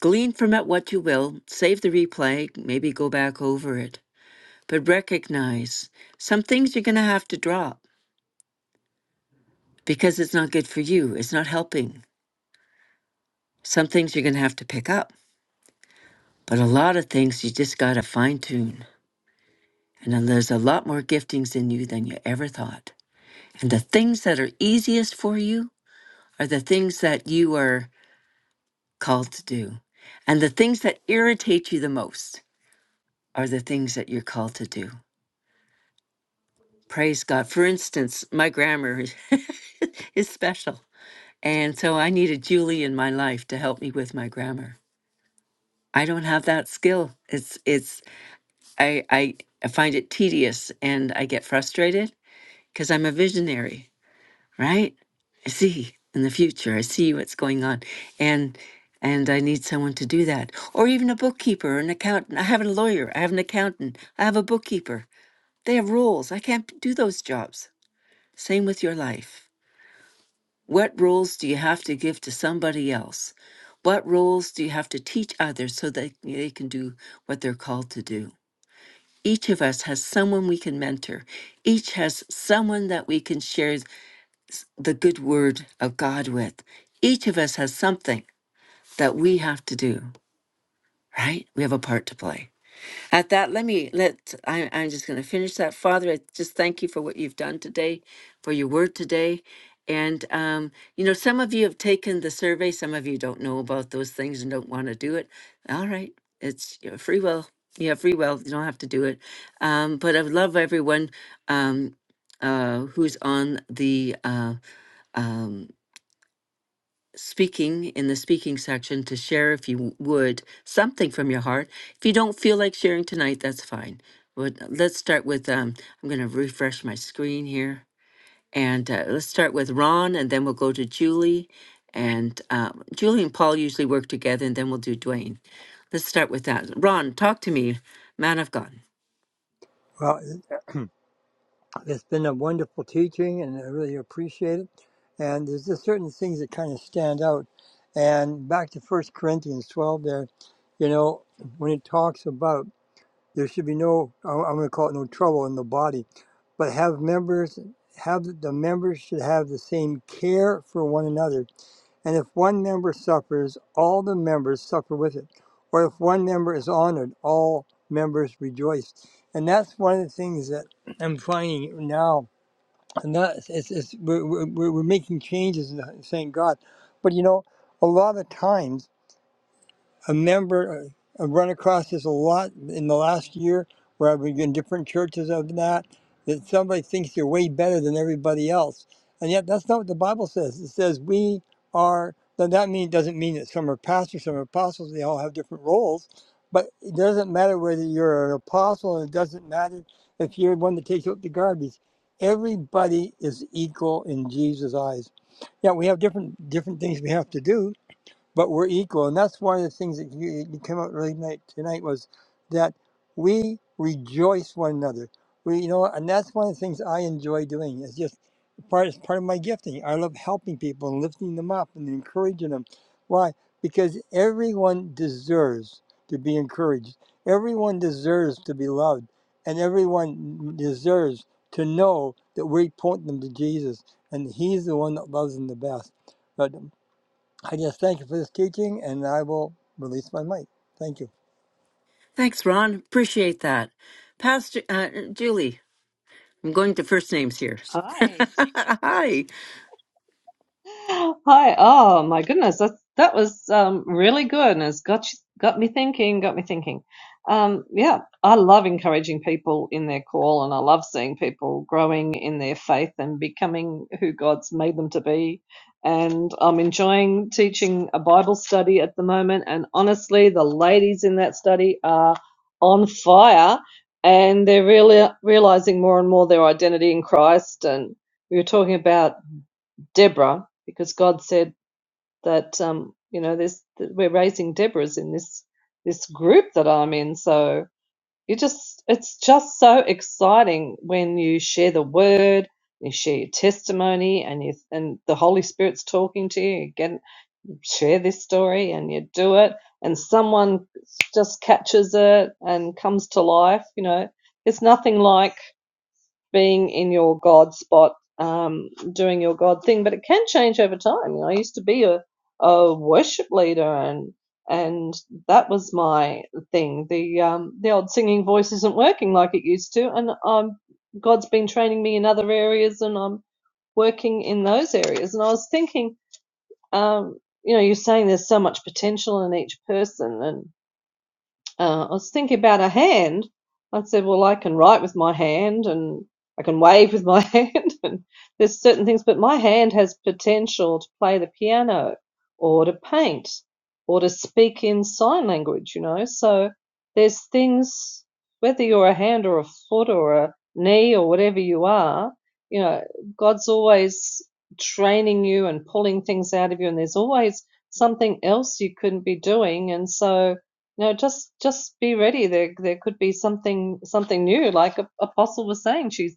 S1: glean from it what you will, save the replay, maybe go back over it, but recognize some things you're going to have to drop because it's not good for you. It's not helping. Some things you're going to have to pick up, but a lot of things you just got to fine tune. And then there's a lot more giftings in you than you ever thought. And the things that are easiest for you are the things that you are called to do and the things that irritate you the most. are the things that you're called to do. Praise God. For instance, my grammar is [LAUGHS] is special. And so I needed Julie in my life to help me with my grammar. I don't have that skill. It's it's I I I find it tedious and I get frustrated because I'm a visionary, right? I see in the future. I see what's going on. And and I need someone to do that. Or even a bookkeeper, an accountant. I have a lawyer, I have an accountant, I have a bookkeeper They have rules. I can't do those jobs. Same with your life. What rules do you have to give to somebody else? What rules do you have to teach others so that they can do what they're called to do? Each of us has someone we can mentor. Each has someone that we can share the good word of God with. Each of us has something that we have to do, right? We have a part to play. At that, let me let I, I'm just going to finish that. Father, I just thank you for what you've done today, for your word today. And, um, you know, some of you have taken the survey, some of you don't know about those things and don't want to do it. All right, it's your free will. You have free will, you don't have to do it. Um, but I would love everyone um, uh, who's on the uh, um, speaking in the speaking section to share, if you would, something from your heart. If you don't feel like sharing tonight, that's fine. But let's start with um, I'm going to refresh my screen here. And uh, let's start with Ron, and then we'll go to Julie. And um, Julie and Paul usually work together, and then we'll do Dwayne. Let's start with that. Ron, talk to me, man of God.
S2: Well, it- it's been a wonderful teaching, and I really appreciate it. And there's just certain things that kind of stand out. And back to First Corinthians 12, there, you know, when it talks about there should be no, I- I'm going to call it no trouble in the body, but have members, have the members should have the same care for one another And if one member suffers, all the members suffer with it. Or if one member is honored, all members rejoice. And that's one of the things that I'm finding now. And that it's, it's, we're, we're, we're making changes, and thank God. But you know, a lot of times a member, I've run across this a lot in the last year where I've been in different churches of that, that somebody thinks they're way better than everybody else. And yet that's not what the Bible says. It says we are, now that mean, doesn't mean that some are pastors, some are apostles, they all have different roles, but it doesn't matter whether you're an apostle, and it doesn't matter if you're one that takes out the garbage. Everybody is equal in Jesus' eyes. Yeah, we have different different things we have to do, but we're equal. And that's one of the things that you, you came out really night tonight was that we rejoice one another. We, you know, and that's one of the things I enjoy doing. It's just part it's part of my gifting. I love helping people and lifting them up and encouraging them. Why? Because everyone deserves to be encouraged. Everyone deserves to be loved, and everyone deserves to know that we point them to Jesus, and He's the one that loves them the best. But I just thank you for this teaching, and I will release my mic. Thank you.
S1: Thanks, Ron. Appreciate that. Pastor uh, Julie, I'm going to first names here. [LAUGHS]
S3: Hi.
S1: Hi.
S3: Hi. Oh my goodness, that that was um, really good, and it's got got me thinking. Got me thinking. Um, yeah, I love encouraging people in their call, and I love seeing people growing in their faith and becoming who God's made them to be. And I'm enjoying teaching a Bible study at the moment. And honestly, the ladies in that study are on fire, and they're really realizing more and more their identity in Christ and we were talking about Deborah, because God said that um, you know there's we're raising Deborahs in this this group that I'm in. So you just it's just so exciting when you share the word, you share your testimony, and you and the Holy Spirit's talking to you. You get share this story, and you do it, and someone just catches it and comes to life. You know, it's nothing like being in your God spot, um, doing your God thing. But it can change over time. You know, I used to be a, a worship leader, and and that was my thing. The um, the old singing voice isn't working like it used to, and um, God's been training me in other areas, and I'm working in those areas. And I was thinking, um, you know, you're saying there's so much potential in each person, and uh, I was thinking about a hand. I said, well, I can write with my hand and I can wave with my [LAUGHS] hand and there's certain things, but my hand has potential to play the piano or to paint or to speak in sign language, you know. So there's things, whether you're a hand or a foot or a knee or whatever you are, you know, God's always training you and pulling things out of you and there's always something else you couldn't be doing. And so, no, just just be ready. There there could be something something new. Like Apostle was saying, she's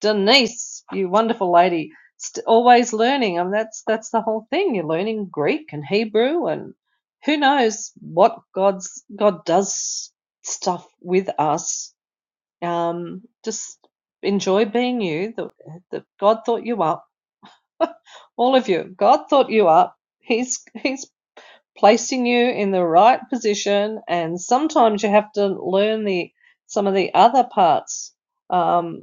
S3: Denise, you wonderful lady, st- always learning. I mean, that's that's the whole thing. You're learning Greek and Hebrew, and who knows what God's God does stuff with us. Um, just enjoy being you. The, the God thought you up, all of you. God thought you up. He's He's placing you in the right position and sometimes you have to learn the some of the other parts um,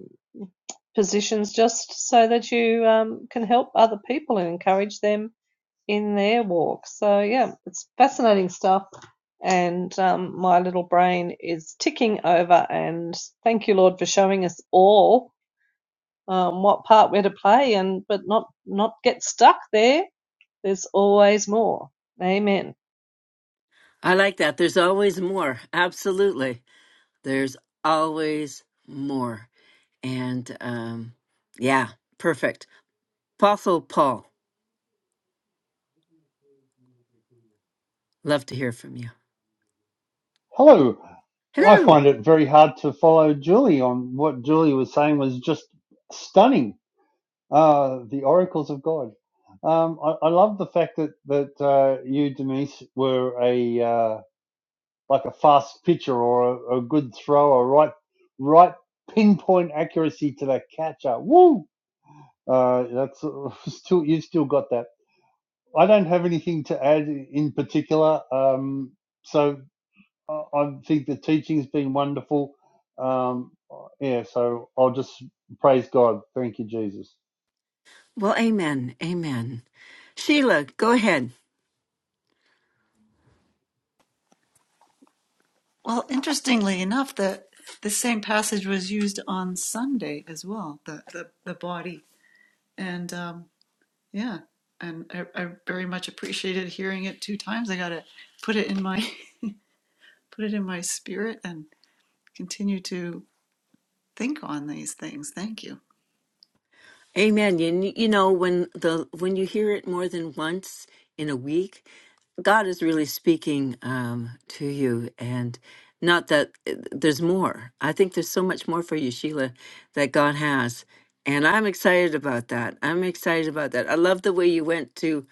S3: positions just so that you um, can help other people and encourage them in their walk so yeah it's fascinating stuff and um, my little brain is ticking over and thank you lord for showing us all um, what part we're to play and but not not get stuck there there's always more amen
S1: I like that. There's always more. Absolutely. There's always more. And um, yeah, perfect. Apostle Paul, love to hear from you.
S5: Hello. I
S1: Hello.
S5: find it very hard to follow Julie on what Julie was saying was just stunning. Uh, the oracles of God. Um, I, I love the fact that that uh, you, Denise, were a uh, like a fast pitcher or a, a good thrower, right, right pinpoint accuracy to the catcher. Woo! Uh, that's [LAUGHS] still you still got that. I don't have anything to add in particular. Um, so I, think the teaching's been wonderful. Um, yeah, so I'll just praise God. Thank you, Jesus.
S1: Well, amen. Amen. Sheila, go ahead.
S6: Well, interestingly enough, the the same passage was used on Sunday as well. The the, the body and um, yeah, and I, I very much appreciated hearing it two times. I got to put it in my [LAUGHS] put it in my spirit and continue to think on these things. Thank you.
S1: Amen. You, you know when the when you hear it more than once in a week, God is really speaking um, to you, and not that uh, there's more. I think there's so much more for you, Sheila, that God has, and I'm excited about that. I'm excited about that. I love the way you went to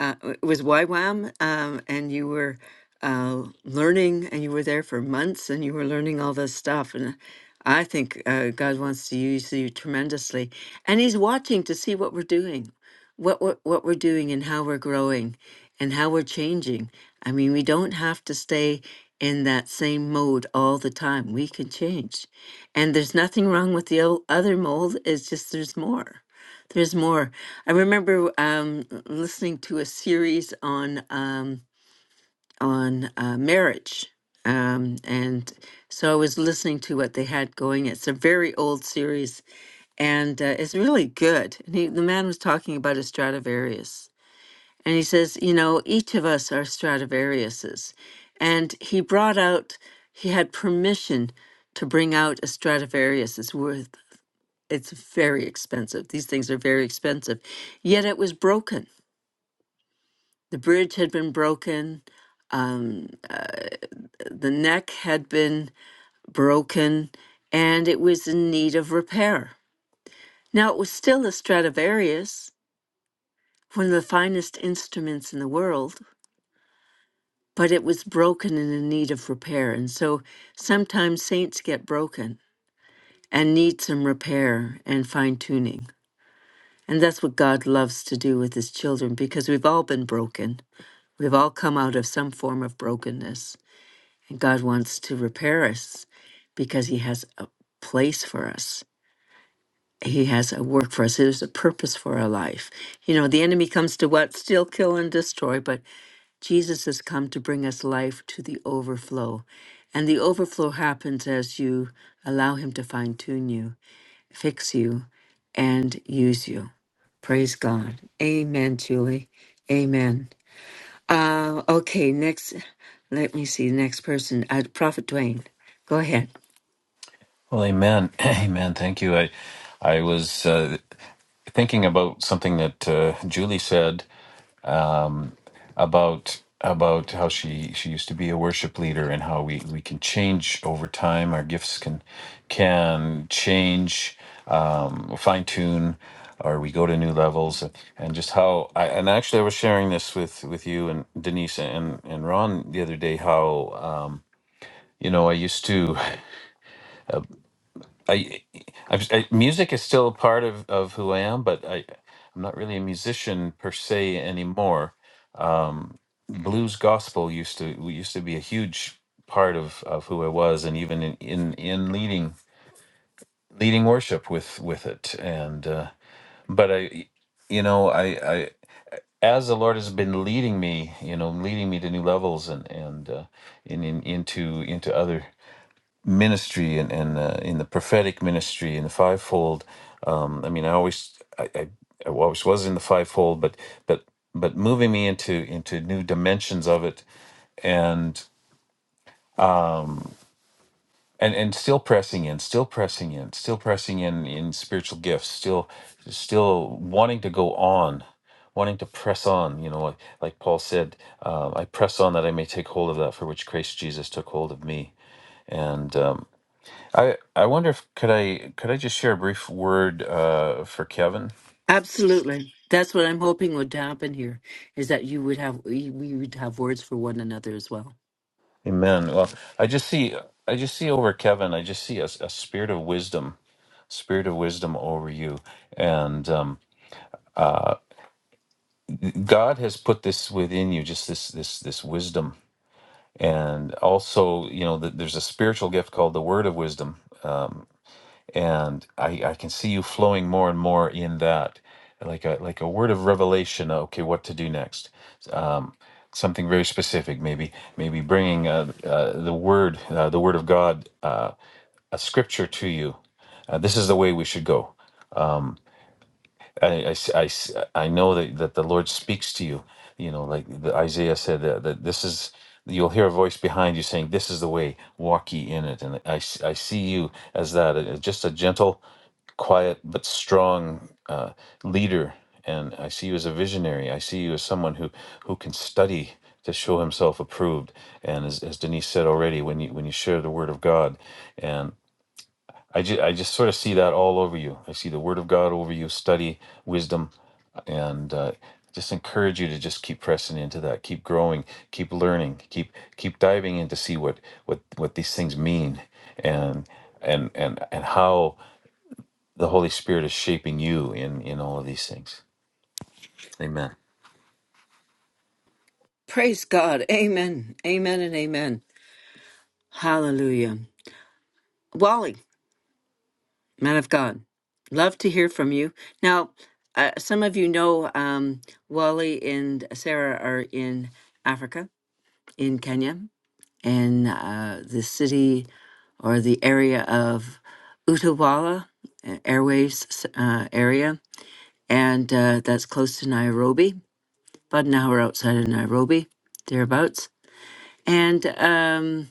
S1: uh, it was YWAM, um, and you were uh, learning, and you were there for months, and you were learning all this stuff. And uh, I think uh, God wants to use you tremendously, and He's watching to see what we're doing, what we're, what we're doing, and how we're growing, and how we're changing. I mean, we don't have to stay in that same mode all the time. We can change, and there's nothing wrong with the o- other mold. It's just there's more. There's more. I remember um, listening to a series on um, on uh, marriage, um, and so I was listening to what they had going. It's a very old series, and uh, it's really good. And he, the man was talking about a Stradivarius, and he says, you know, each of us are Stradivariuses, and he brought out. He had permission to bring out a Stradivarius. It's worth. It's very expensive. These things are very expensive. Yet it was broken. The bridge had been broken. Um, uh, the neck had been broken, and it was in need of repair. Now, it was still a Stradivarius, one of the finest instruments in the world, but it was broken and in need of repair. And so sometimes saints get broken and need some repair and fine tuning. And that's what God loves to do with his children because we've all been broken. We've all come out of some form of brokenness, and God wants to repair us because He has a place for us. He has a work for us. There's a purpose for our life. You know, the enemy comes to what? Steal, kill, and destroy, but Jesus has come to bring us life to the overflow. And the overflow happens as you allow Him to fine tune you, fix you, and use you. Praise God. Amen, Julie. Amen. Uh, okay, next. Let me see. Next person. Uh, Prophet Dwayne. Go ahead.
S4: Well, amen. [CLEARS THROAT] Amen. Thank you. I, I was uh, thinking about something that uh, Julie said. um, about about how she she used to be a worship leader and how we we can change over time. Our gifts can can change, um, fine tune, or we go to new levels, and just how. I, and actually, I was sharing this with with you and Denise and and Ron the other day. How uh, you know I used to. I, I, I music is still a part of of who I am, but I I'm not really a musician per se anymore blues gospel used to used to be a huge part of of who I was, and even in in, in leading leading worship with with it. And uh, but I, you know, I I as the Lord has been leading me, you know, leading me to new levels and and uh, in, in into into other ministry and and uh, in the prophetic ministry and the fivefold. Um, I mean, I always I, I I always was in the fivefold, but but but moving me into into new dimensions of it and and and still pressing in still pressing in still pressing in in spiritual gifts still still wanting to go on wanting to press on you know like, like paul said um, i press on that i may take hold of that for which christ jesus took hold of me and um, i i wonder if could i could i just share a brief word uh, for kevin
S1: Absolutely. That's what I'm hoping would happen here is that you would have we we would have words for one another as well.
S4: amen well i just see i just see over kevin i just see a, a spirit of wisdom spirit of wisdom over you and um uh, God has put this within you, just this this this wisdom, and also you know that there's a spiritual gift called the word of wisdom, um, and I, I can see you flowing more and more in that, like a like a word of revelation. uh, Okay, what to do next? Um, something very specific, maybe maybe bringing uh, uh, the word uh, the word of God, uh, a scripture to you. Uh, this is the way we should go I, I s- I s- I know that, that the Lord speaks to you. You know, like the Isaiah said that, that this is, you'll hear a voice behind you saying, This is the way, walk ye in it. And I, s- I see you as that, uh, just a gentle, quiet, but strong uh, leader. And I see you as a visionary. I see you as someone who, who can study to show himself approved. And as, as Denise said already, when you, when you share the word of God, and I just, I just sort of see that all over you. I see the word of God over you, study, wisdom, and uh, just encourage you to just keep pressing into that, keep growing, keep learning, keep keep diving in to see what what what these things mean, and and and and how the Holy Spirit is shaping you in in all of these things. Amen.
S1: Praise God. Amen. Amen and amen. Hallelujah. Wally, man of God. Love to hear from you. Now, uh, some of you know um, Wally and Sarah are in Africa, in Kenya. in uh, the city or the area of Utawala uh, Airways uh, area, and uh, that's close to Nairobi, about an hour outside of Nairobi, thereabouts. And um,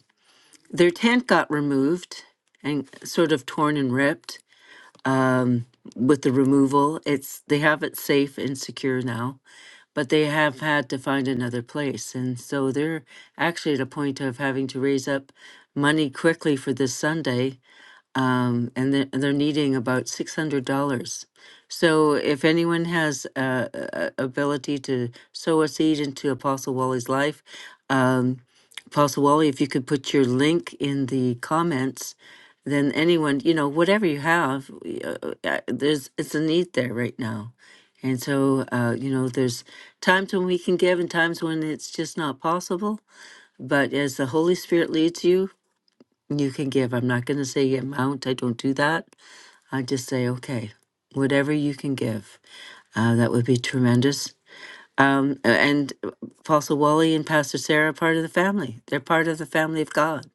S1: their tent got removed and sort of torn and ripped um, with the removal. It's they have it safe and secure now but they have had to find another place. And so they're actually at a point of having to raise up money quickly for this Sunday um, and they're, they're needing about six hundred dollars. So if anyone has uh, a, a ability to sow a seed into Apostle Wally's life, um, Apostle Wally, if you could put your link in the comments, then anyone, you know, whatever you have, y- uh, uh, yeah, there's it's a need there right now. And so, uh, you know, there's times when we can give and times when it's just not possible. But as the Holy Spirit leads you, you can give. I'm not going to say amount. I don't do that. I just say, okay, whatever you can give. Uh, that would be tremendous. Um, and Apostle Wally and Pastor Sarah are part of the family. They're part of the family of God.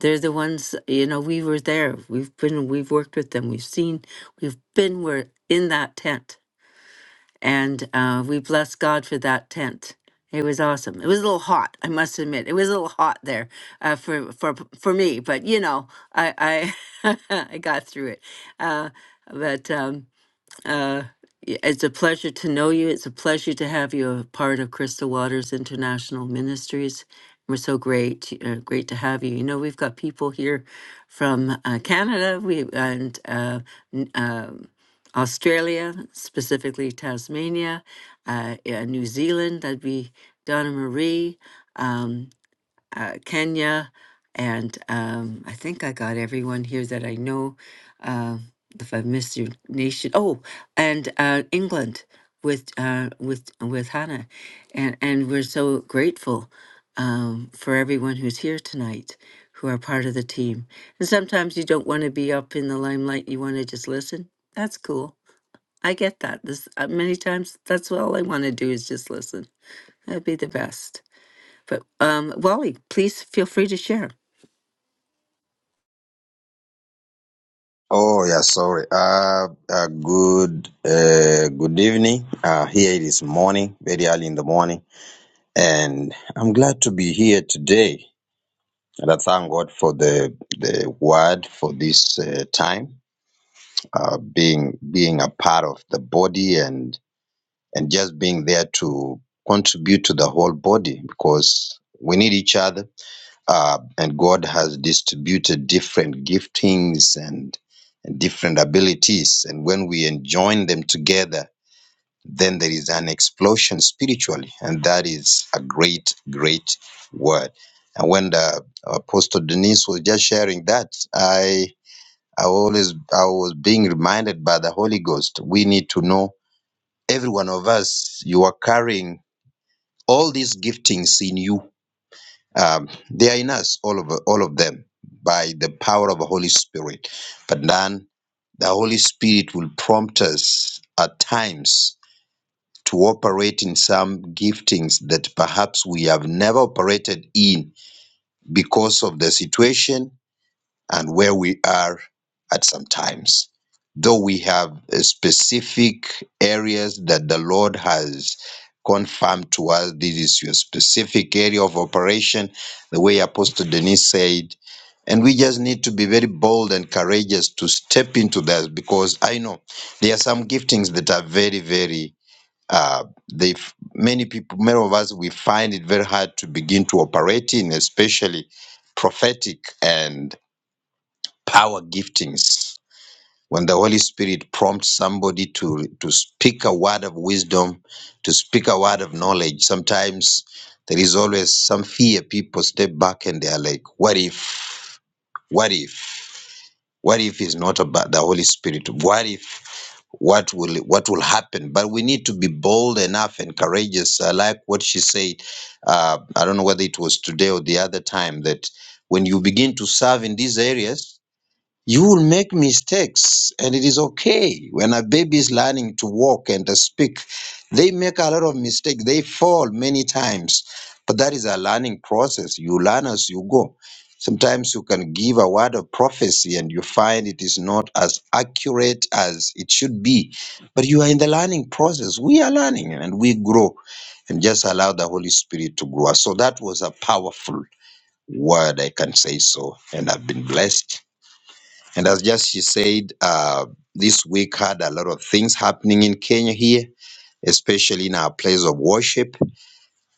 S1: They're the ones, you know, we were there. We've been, we've worked with them. We've seen, we've been, we're in that tent and uh, we bless God for that tent. It was awesome. It was a little hot, I must admit. It was a little hot there uh, for for for me, but you know, I I, [LAUGHS] I got through it. Uh, but um, uh, y- it's a pleasure to know you. It's a pleasure to have you a part of Crystal Waters International Ministries. We're so great, uh, great to have you. You know, we've got people here from uh, Canada, we and uh, n- um Australia, specifically Tasmania, uh, yeah, New Zealand. That'd be Donna Marie. Um, uh, Kenya, and um, I think I got everyone here that I know. Uh, if I missed your nation, oh, and uh, England with uh, with with Hannah, and and we're so grateful um, for everyone who's here tonight, who are part of the team. And sometimes you don't want to be up in the limelight; you want to just listen. That's cool. I get that. This uh, many times. That's all I want to do is just listen. That'd be the best. But um, Wally, please feel free to share.
S7: Oh, yeah, sorry. Uh, uh good, uh, good evening. Uh, here it is morning, very early in the morning, and I'm glad to be here today. And I thank God for the the word for this uh, time, uh, being being a part of the body and and just being there to contribute to the whole body because we need each other uh, and God has distributed different giftings and, and different abilities. And when we join them together, then there is an explosion spiritually, and that is a great, great word. And when the Apostle Denise was just sharing that, I I always I was being reminded by the Holy Ghost. We need to know every one of us. You are carrying all these giftings in you um, they are in us, all of all of them, by the power of the Holy Spirit. But then the Holy Spirit will prompt us at times to operate in some giftings that perhaps we have never operated in because of the situation and where we are at some times. Though we have uh, specific areas that the Lord has confirmed to us, this is your specific area of operation, the way Apostle Denise said. And we just need to be very bold and courageous to step into that because I know there are some giftings that are very, very, uh, they, f- many people, many of us, we find it very hard to begin to operate in, especially prophetic and power giftings. When the Holy Spirit prompts somebody to, to speak a word of wisdom, to speak a word of knowledge, sometimes there is always some fear. People step back and they are like, what if? What if? What if it's not about the Holy Spirit? What if? What will what will happen? But we need to be bold enough and courageous. I like what she said. Uh, I don't know whether it was today or the other time that when you begin to serve in these areas, you will make mistakes, and it is okay. When a baby is learning to walk and to speak, they make a lot of mistakes. They fall many times, but that is a learning process. You learn as you go. Sometimes you can give a word of prophecy and you find it is not as accurate as it should be, but you are in the learning process. We are learning and we grow, and just allow the Holy Spirit to grow us. So that was a powerful word, I can say so, and I've been blessed and as just she said, uh, this week had a lot of things happening in Kenya here, especially in our place of worship.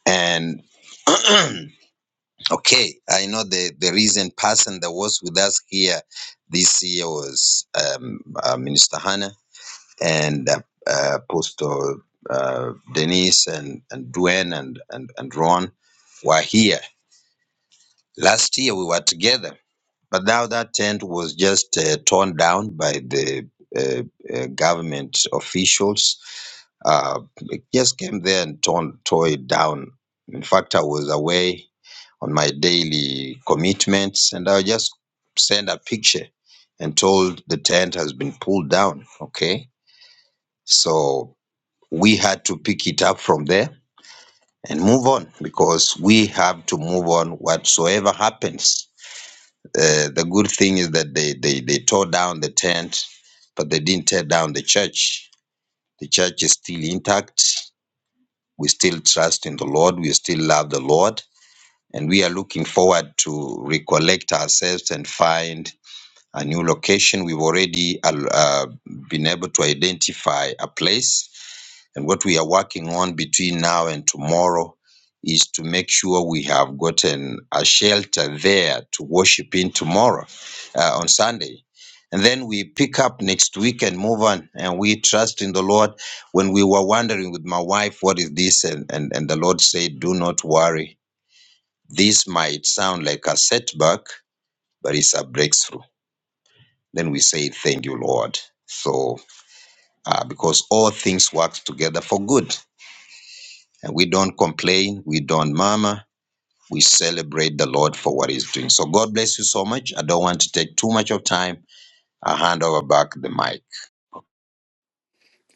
S7: And [CLEARS THROAT] okay, I know the, the recent person that was with us here this year was um, uh, Minister Hannah and uh, uh, Apostle uh, Denise and, and Dwayne and, and, and Ron were here. Last year we were together But now that tent was just uh, torn down by the uh, uh, government officials. Uh, it just came there and torn, tore it down. In fact, I was away on my daily commitments, and I just sent a picture and told the tent has been pulled down. Okay, so we had to pick it up from there and move on because we have to move on whatsoever happens uh, the good thing is that they, they, they tore down the tent, but they didn't tear down the church. The church is still intact. We still trust in the Lord. We still love the Lord. And we are looking forward to recollect ourselves and find a new location. We've already al- uh, been able to identify a place and what we are working on between now and tomorrow is to make sure we have gotten a shelter there to worship in tomorrow uh, on Sunday. And then we pick up next week and move on. And we trust in the Lord. When we were wondering with my wife, what is this? And, and, and the Lord said, Do not worry. This might sound like a setback, but it's a breakthrough. Then we say, Thank you, Lord. So, uh, because all things work together for good And we don't complain, we don't murmur, we celebrate the Lord for what He's doing. So God bless you so much. I don't want to take too much of time. I hand over back the mic.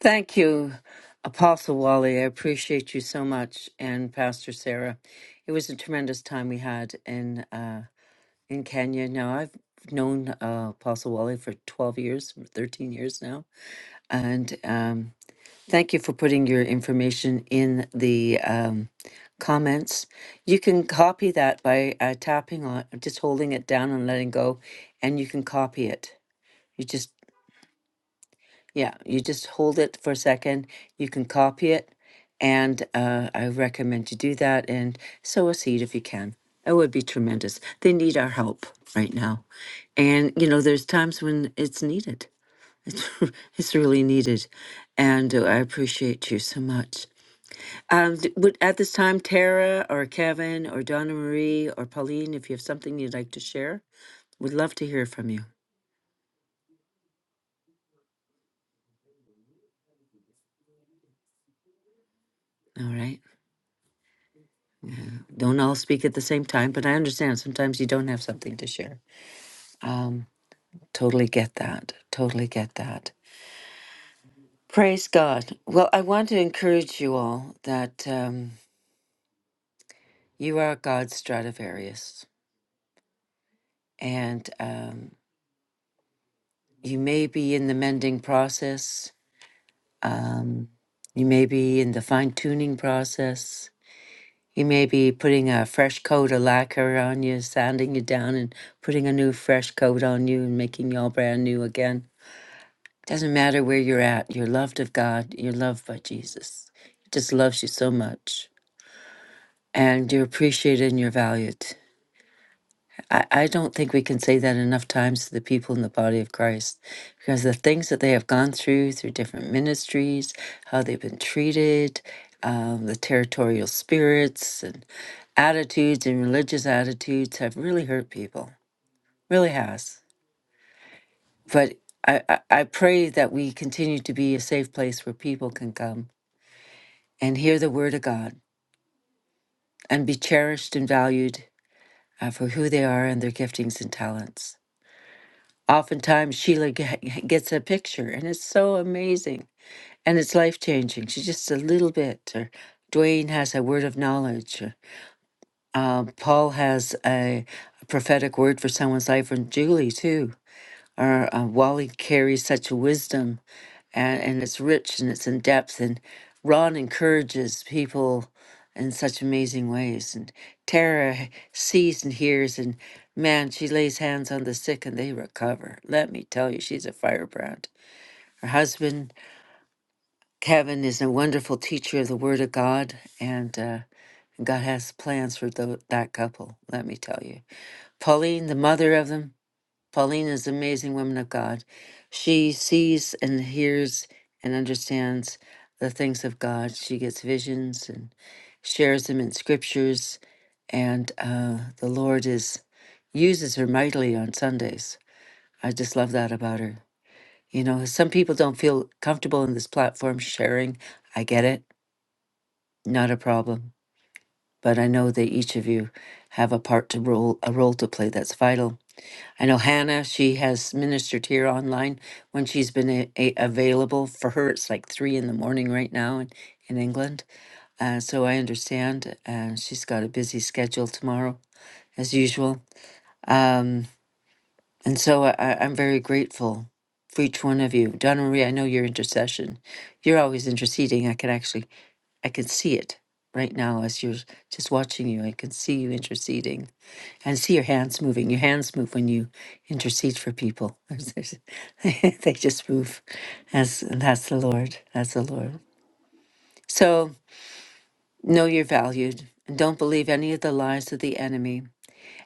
S1: Thank you, Apostle Wally. I appreciate you so much, and Pastor Sarah. It was a tremendous time we had in uh, in Kenya. Now I've known uh, Apostle Wally for twelve years, thirteen years now, and um, thank you for putting your information in the um, comments. You can copy that by uh, tapping on, just holding it down and letting go, and you can copy it. You just Yeah, you just hold it for a second. You can copy it, and uh, I recommend you do that and sow a seed if you can. It would be tremendous. They need our help right now. And, you know, there's times when it's needed. [LAUGHS] it's really needed. And uh, I appreciate you so much. Um, d- would at this time, Tara or Kevin or Donna Marie or Pauline, if you have something you'd like to share, would love to hear from you. All right. don't all speak at the same time, but I understand sometimes you don't have something to share. Um, totally get that. Totally get that. Praise God. Well, I want to encourage you all that um, you are God's Stradivarius, and um, you may be in the mending process. Um, you may be in the fine tuning process. You may be putting a fresh coat of lacquer on you, sanding you down, and putting a new fresh coat on you, and making you all brand new again Doesn't matter where you're at, you're loved of God, you're loved by Jesus. He just loves you so much. And you're appreciated and you're valued. I, I don't think we can say that enough times to the people in the body of Christ because the things that they have gone through, through different ministries, how they've been treated, um, the territorial spirits and attitudes and religious attitudes have really hurt people, really has. But I, I, I pray that we continue to be a safe place where people can come and hear the word of God and be cherished and valued uh, for who they are and their giftings and talents. Oftentimes, Sheila ge- [LAUGHS] gets a picture, and it's so amazing and it's life changing. She's just a little bit. Or Dwayne has a word of knowledge. or, Um, Paul has a, a prophetic word for someone's life, and Julie too. Or uh, Wally carries such wisdom and, and it's rich and it's in depth. And Ron encourages people in such amazing ways. And Tara h- sees and hears, and man, she lays hands on the sick and they recover. Let me tell you, she's a firebrand. Her husband, Kevin, is a wonderful teacher of the Word of God, and uh, God has plans for tho- that couple, let me tell you. Pauline, the mother of them, Pauline is an amazing woman of God. She sees and hears and understands the things of God. She gets visions and shares them in scriptures, and uh, the Lord is uses her mightily on Sundays. I just love that about her. You know, some people don't feel comfortable in this platform sharing. I get it, not a problem. But I know that each of you have a part to role, a role to play that's vital I know Hannah, she has ministered here online when she's been a- a- available. For her, it's like three in the morning right now in, in England. Uh, so I understand. Uh, she's got a busy schedule tomorrow, as usual. Um, and so I, I- I'm very grateful for each one of you. Donna Marie, I know your intercession. You're always interceding. I can actually, I can see it right now as you're just watching you. I can see you interceding and see your hands moving. Your hands move when you intercede for people. [LAUGHS] There's- there's- [LAUGHS] they just move. That's that's the Lord. That's the Lord. So know you're valued and don't believe any of the lies of the enemy.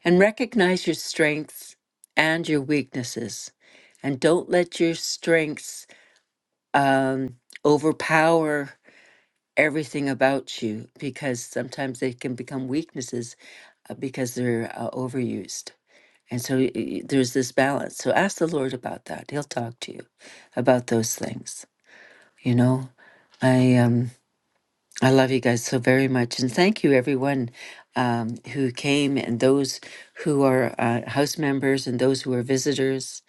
S1: And recognize your strengths and your weaknesses. And don't let your strengths um, overpower everything about you because sometimes they can become weaknesses uh, because they're uh, overused. And so y- y- there's this balance. So ask the Lord about that. He'll talk to you about those things. You know, I um I love you guys so very much, and thank you everyone um, who came and those who are uh, house members and those who are visitors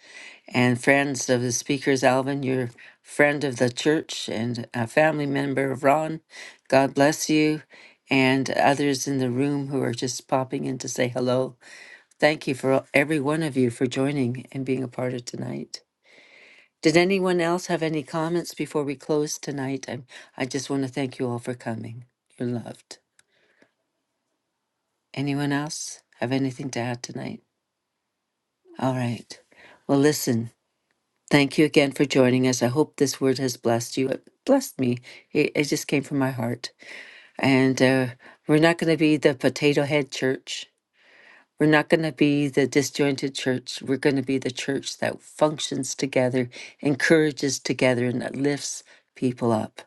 S1: and friends of the speakers. Alvin, you're friend of the church and a family member of Ron. God bless you, and others in the room who are just popping in to say hello. Thank you for every one of you for joining and being a part of tonight. Did anyone else have any comments before we close tonight? I, I just want to thank you all for coming. You're loved. Anyone else have anything to add tonight? All right. Well, listen, thank you again for joining us. I hope this word has blessed you. It blessed me. It, it just came from my heart. And uh, we're not going to be the potato head church. We're not going to be the disjointed church. We're going to be the church that functions together, encourages together, and that lifts people up.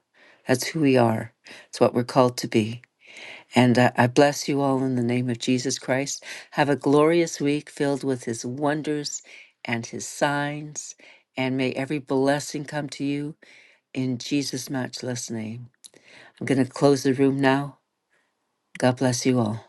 S1: That's who we are. It's what we're called to be. And uh, I bless you all in the name of Jesus Christ. Have a glorious week filled with his wonders and his signs. And may every blessing come to you in Jesus' matchless name. I'm going to close the room now. God bless you all.